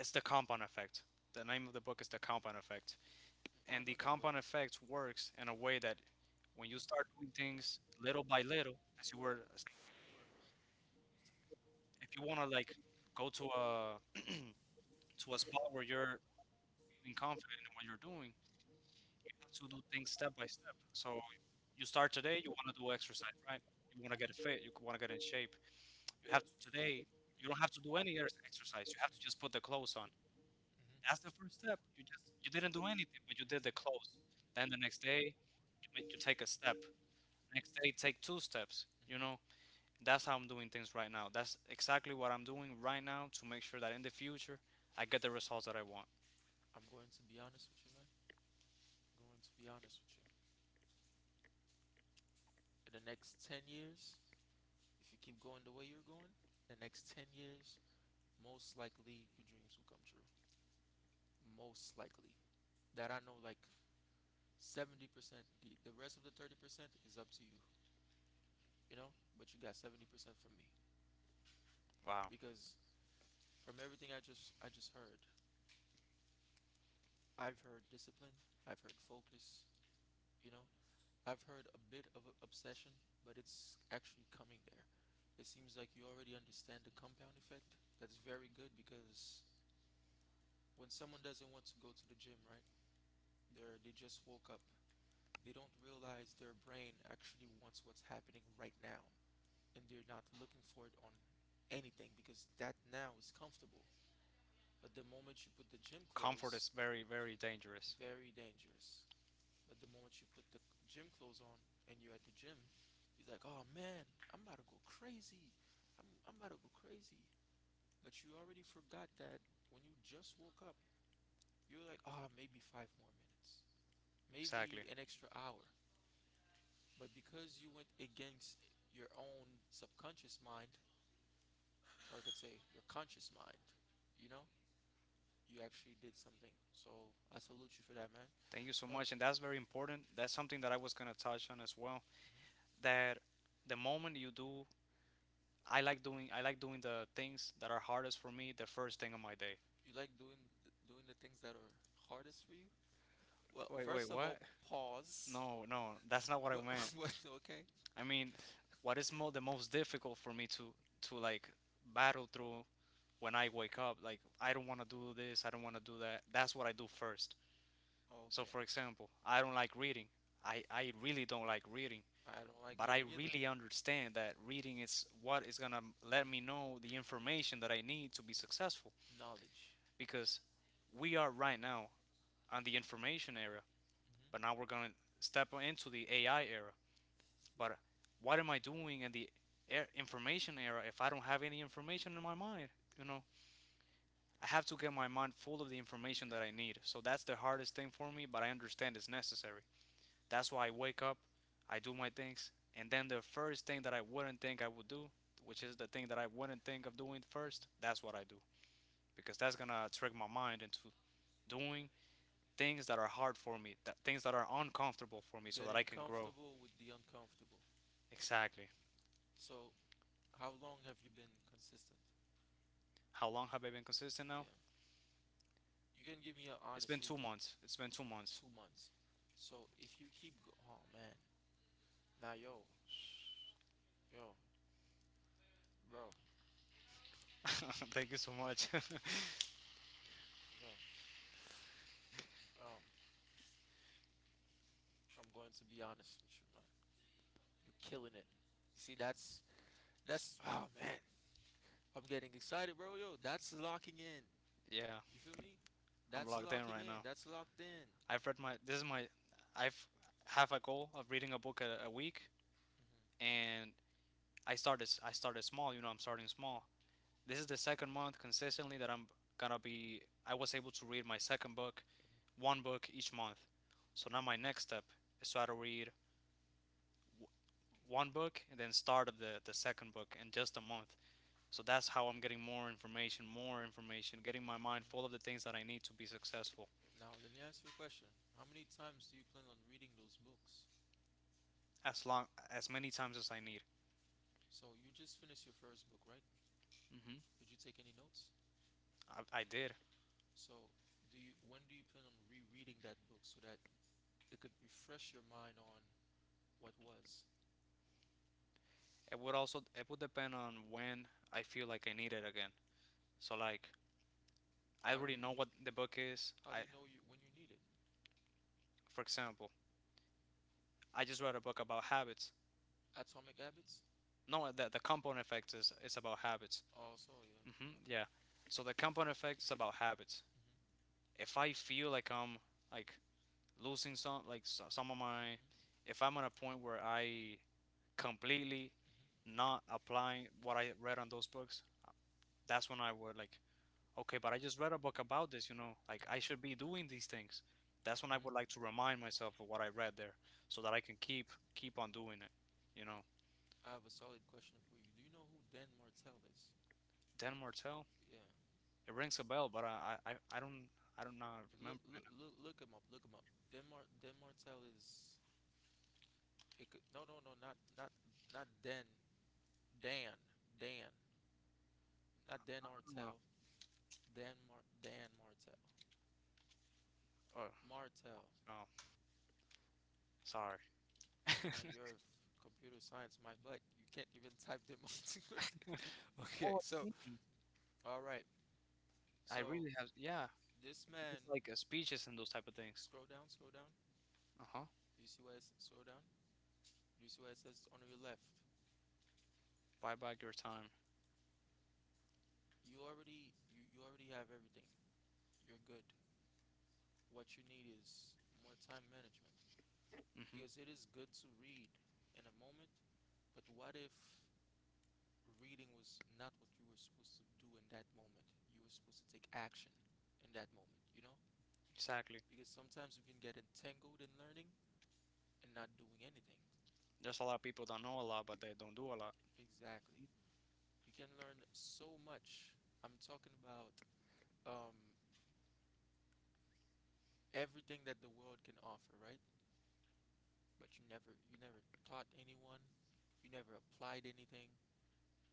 [SPEAKER 2] it's the compound effect. The name of the book is the compound effect,
[SPEAKER 1] Oh, I
[SPEAKER 2] and the
[SPEAKER 1] know that book.
[SPEAKER 2] compound effect works in a way that when you start doing things little by little, as you were, if you want to like go to a spot where you're feeling confident in what you're doing, you have to do things step by step. So you start today, you want to do exercise, right? You want
[SPEAKER 1] Hmm.
[SPEAKER 2] to
[SPEAKER 1] Hmm.
[SPEAKER 2] get fit, you want to get in shape. You have to today. You don't
[SPEAKER 1] Hmm. Hmm.
[SPEAKER 2] have to do any exercise. You have to just put the clothes on.
[SPEAKER 1] Hmm.
[SPEAKER 2] That's the first step. You didn't do anything, but you did the clothes. Then the next day, you take a step. Next day take two steps, you know. That's how I'm doing things right now. That's exactly what I'm doing right now to make sure that in the future I get the results that I want.
[SPEAKER 1] I'm going to be honest with you, man. I'm going to be honest with you. In the next 10 years, if you keep going the way you're going, the next 10 years, most likely your dreams will come true. Most likely. That I know, like 70%. The rest of the 30% is up to you, you know? But you got 70% from me.
[SPEAKER 2] Wow.
[SPEAKER 1] Because from everything I just heard, I've heard discipline, I've heard focus, you know. I've heard a bit of a obsession, but it's actually coming there. It seems like you already understand the compound effect. That's very good because when someone doesn't want to go to the gym, right? They just woke up. They don't realize their brain actually wants what's happening right now and they're not looking for it on anything because that now is comfortable. But the moment you put the gym
[SPEAKER 2] Comfort is
[SPEAKER 1] clothes,
[SPEAKER 2] very, very dangerous.
[SPEAKER 1] very dangerous. But the moment you put the gym clothes on and you're at the gym, you're like, oh man, I'm about to go crazy. I'm about to go crazy. But you already forgot that when you just woke up, you're like, ah, maybe 5 more minutes,
[SPEAKER 2] Exactly.
[SPEAKER 1] maybe an extra hour. But because you went against your own subconscious mind, or I could say your conscious mind, you know, you actually did something. So I salute you for that, man.
[SPEAKER 2] Thank you so
[SPEAKER 1] You know,
[SPEAKER 2] much. And that's very important. That's something that I was gonna touch on as well.
[SPEAKER 1] mhm.
[SPEAKER 2] That the moment you do, I like doing the things that are hardest for me the first thing on my day.
[SPEAKER 1] You like doing doing the things that are hardest for you. Well,
[SPEAKER 2] Wait, wait,
[SPEAKER 1] first of all,
[SPEAKER 2] what?
[SPEAKER 1] pause.
[SPEAKER 2] No, no, that's not what I
[SPEAKER 1] But
[SPEAKER 2] meant.
[SPEAKER 1] what? Okay.
[SPEAKER 2] I
[SPEAKER 1] Keep
[SPEAKER 2] mean,
[SPEAKER 1] go-
[SPEAKER 2] what is mo the most difficult for me to like battle through when I wake up? Like, I don't want to do this, I don't want to do that. That's what I do first. So,
[SPEAKER 1] Okay.
[SPEAKER 2] for example, I don't like reading. I really don't like reading,
[SPEAKER 1] I don't like
[SPEAKER 2] but I
[SPEAKER 1] reading either.
[SPEAKER 2] really understand that reading is what is gonna let me know the information that I need to be successful.
[SPEAKER 1] Knowledge.
[SPEAKER 2] Because we are right now on the information era, but
[SPEAKER 1] Hmm.
[SPEAKER 2] now we're gonna step into the AI era. But what am I doing in the information era if I don't have any information in my mind? You know, I have to get my mind full of the information that I need. So that's the hardest thing for me, but I understand it's necessary. That's why I wake up, I do my things, and then the first thing that I wouldn't think I would do, which is the thing that I wouldn't think of doing first, that's what I do because that's gonna trick my mind into doing things that are hard for me, that things that are uncomfortable for me, so that
[SPEAKER 1] Getting
[SPEAKER 2] I can grow.
[SPEAKER 1] comfortable with the uncomfortable.
[SPEAKER 2] Exactly.
[SPEAKER 1] So, how long have you been consistent?
[SPEAKER 2] How long have I been consistent
[SPEAKER 1] Yeah.
[SPEAKER 2] now?
[SPEAKER 1] You can give me an
[SPEAKER 2] It's been
[SPEAKER 1] honest if
[SPEAKER 2] 2 months. It's been 2 months.
[SPEAKER 1] 2 months. So if you keep go, oh man, now yo, yo, bro,
[SPEAKER 2] Thank you so much.
[SPEAKER 1] yo, yo, I'm going to be honest with you. You're killing it. See, that's oh man, I'm getting excited, bro. Yo, that's locking in.
[SPEAKER 2] Yeah,
[SPEAKER 1] You feel me?
[SPEAKER 2] I'm
[SPEAKER 1] That's
[SPEAKER 2] locked in
[SPEAKER 1] locking
[SPEAKER 2] right
[SPEAKER 1] in.
[SPEAKER 2] now.
[SPEAKER 1] That's locked in.
[SPEAKER 2] I've read my. This is my. I've have a goal of reading a book a week,
[SPEAKER 1] Hmm.
[SPEAKER 2] and I started small. You know, I'm starting small. This is the second month consistently that I'm gonna be. I was able to read my second book,
[SPEAKER 1] Hmm.
[SPEAKER 2] one book each month. So now my next step is try to read w- one book and then start of the second book in just a month. So that's how I'm getting more information, getting my mind full of the
[SPEAKER 1] Hmm.
[SPEAKER 2] things that I need to be successful
[SPEAKER 1] Now, let me ask you a question. How many times do you plan on reading those books?
[SPEAKER 2] as long as many times as I need.
[SPEAKER 1] So, you just finished your first book, right?
[SPEAKER 2] Hmm.
[SPEAKER 1] Did you take any notes?
[SPEAKER 2] I did.
[SPEAKER 1] So, do you when do you plan on rereading that book so that it could refresh your mind on what was?
[SPEAKER 2] It would also it would depend on when I feel like I need it again. So like I
[SPEAKER 1] How do
[SPEAKER 2] already
[SPEAKER 1] you
[SPEAKER 2] know what the book is.
[SPEAKER 1] how do
[SPEAKER 2] I
[SPEAKER 1] you know you when you need it?
[SPEAKER 2] For example, I just read a book about habits.
[SPEAKER 1] Atomic Habits?
[SPEAKER 2] No, the compound effect is about habits.
[SPEAKER 1] Also, yeah.
[SPEAKER 2] Hmm. Yeah. So the compound effect is about habits.
[SPEAKER 1] Okay.
[SPEAKER 2] If I feel like I'm like losing some like some of
[SPEAKER 1] Mm-hmm.
[SPEAKER 2] my,
[SPEAKER 1] Mm-hmm.
[SPEAKER 2] if I'm at a point where I completely
[SPEAKER 1] Mm-hmm. Mm-hmm.
[SPEAKER 2] not applying what I read on those books, that's when I would like, okay, but I just read a book about this, you know, like
[SPEAKER 1] Mm-hmm.
[SPEAKER 2] I should be doing these things. That's when
[SPEAKER 1] Mm-hmm. Mm-hmm.
[SPEAKER 2] I
[SPEAKER 1] Mm-hmm. Mm-hmm. Mm-hmm. Mm-hmm.
[SPEAKER 2] would like to remind myself of what I read there, so that I can keep on doing it. You know,
[SPEAKER 1] Mm-hmm. I have a solid question for you. Do you know who Dan Martell is?
[SPEAKER 2] Dan Martell,
[SPEAKER 1] Yeah.
[SPEAKER 2] it rings a bell, but I don't. Not remember. Man. I
[SPEAKER 1] Look him up. Look him up. Dan Martell is. It could, not, not Dan. Dan. Dan. Not Dan
[SPEAKER 2] don't know.
[SPEAKER 1] Martell. Dan Martell.
[SPEAKER 2] Oh,
[SPEAKER 1] Martell.
[SPEAKER 2] oh, sorry.
[SPEAKER 1] Man, computer science, my butt. You can't even type them all together. Okay, so,
[SPEAKER 2] Mm.
[SPEAKER 1] all right.
[SPEAKER 2] I
[SPEAKER 1] So,
[SPEAKER 2] really have, yeah.
[SPEAKER 1] this man,
[SPEAKER 2] Just like speeches and those type of things.
[SPEAKER 1] scroll down, scroll down.
[SPEAKER 2] Uh huh.
[SPEAKER 1] Do you see scroll down? Do you see where it says on your left?
[SPEAKER 2] Buy back your time.
[SPEAKER 1] You already have everything. You're good. What you need is more time management.
[SPEAKER 2] Mm-hmm.
[SPEAKER 1] Because it is good to read in a moment, but what if reading was not what you were supposed to do in that moment? You were supposed to take action in that moment, you know?
[SPEAKER 2] Exactly.
[SPEAKER 1] Because sometimes we can get entangled in learning and not doing anything.
[SPEAKER 2] There's a lot of people that know a lot, but they don't do a lot.
[SPEAKER 1] Exactly. You can learn so much. I'm talking about um, everything that the world can offer, right? But you never taught anyone, you never applied anything.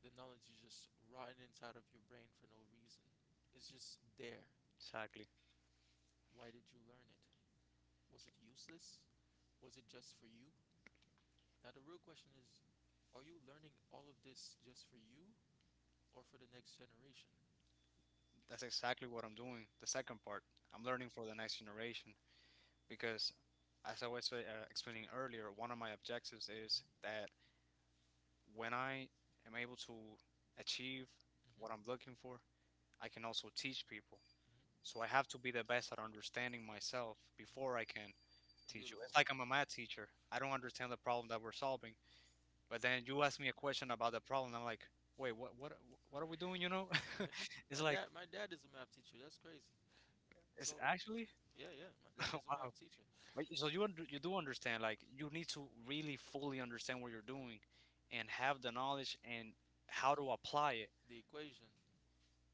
[SPEAKER 1] The knowledge is just rotting inside of your brain for no reason. It's just there.
[SPEAKER 2] Exactly.
[SPEAKER 1] Why did you learn it? Was it useless? Was it just for you? Now the real question is, are you learning all of this just for you or for the next generation?
[SPEAKER 2] That's exactly what I'm doing. The second part, I'm learning for the next generation because, as I was explaining earlier, one of my objectives is that when I am able to achieve what
[SPEAKER 1] Before.
[SPEAKER 2] I'm looking for, I can also teach people. So I have to be the best at understanding myself before I can teach you.
[SPEAKER 1] Beautiful.
[SPEAKER 2] It's like I'm a math teacher. I don't understand the problem that we're solving, but then you ask me a question about the problem. I'm like, wait, what are we doing? You know,
[SPEAKER 1] Like
[SPEAKER 2] it's like
[SPEAKER 1] my dad is a math teacher. That's crazy. So,
[SPEAKER 2] it's actually
[SPEAKER 1] yeah, my dad is a math
[SPEAKER 2] wow.
[SPEAKER 1] teacher.
[SPEAKER 2] But so you under, you do understand, like you need to really fully understand what you're doing, and have the knowledge and how to apply it
[SPEAKER 1] The equation.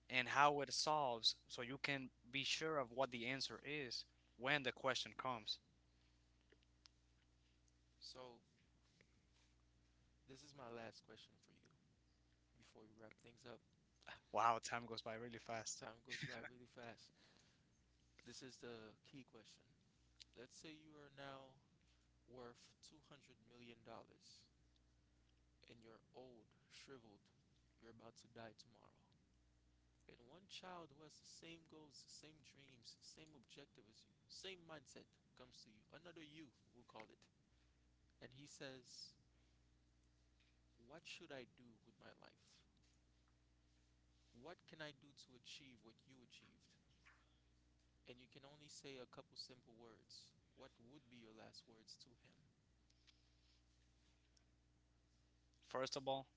[SPEAKER 2] and how it solves, so you can be sure of what the answer is when the question comes.
[SPEAKER 1] So, this is my last question for you before we wrap things up.
[SPEAKER 2] Wow, time goes by really
[SPEAKER 1] If
[SPEAKER 2] fast.
[SPEAKER 1] time goes by really fast, this is the key question. Let's say you are now worth $200 million, and you're old, shriveled. You're about to die tomorrow. And one child who has the same goals, same dreams, same objective as you, same mindset comes to you. Another you, we'll call it. And he says, what should I do with my life? What can I do to achieve what you achieved? And you can only say a couple simple words. What would be your last words to him?
[SPEAKER 2] First of all,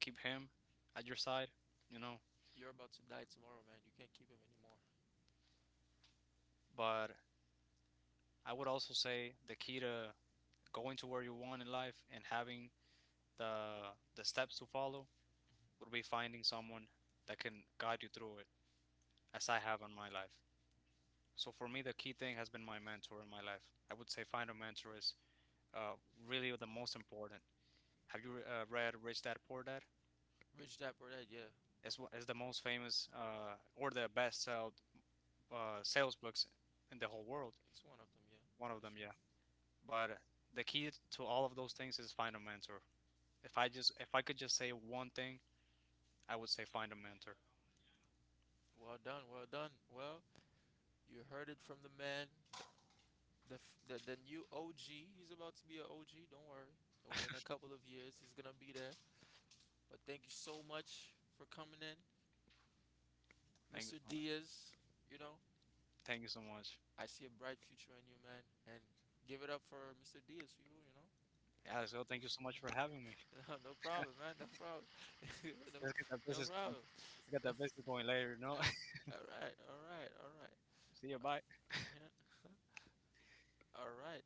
[SPEAKER 2] keep him at your side. You know,
[SPEAKER 1] You're about to die tomorrow, man. You can't keep him anymore. Mm-hmm. Rich Dad Poor Dad, yeah. It's one of them, yeah. One. That's true. Mhm. A mentor. Well done, well done. Well, you heard it from the man. The, f- the new OG. He's about to be an OG. Don't worry. Don't worry. In a couple of years, he's gonna be there. But thank you so much for coming in, Mr. Diaz. You know, I see a bright future in you, man. And give it up for Mr. Diaz, people. You know, no, no problem, man. No problem. no, no problem. all right. All right. All right. Yeah. All right.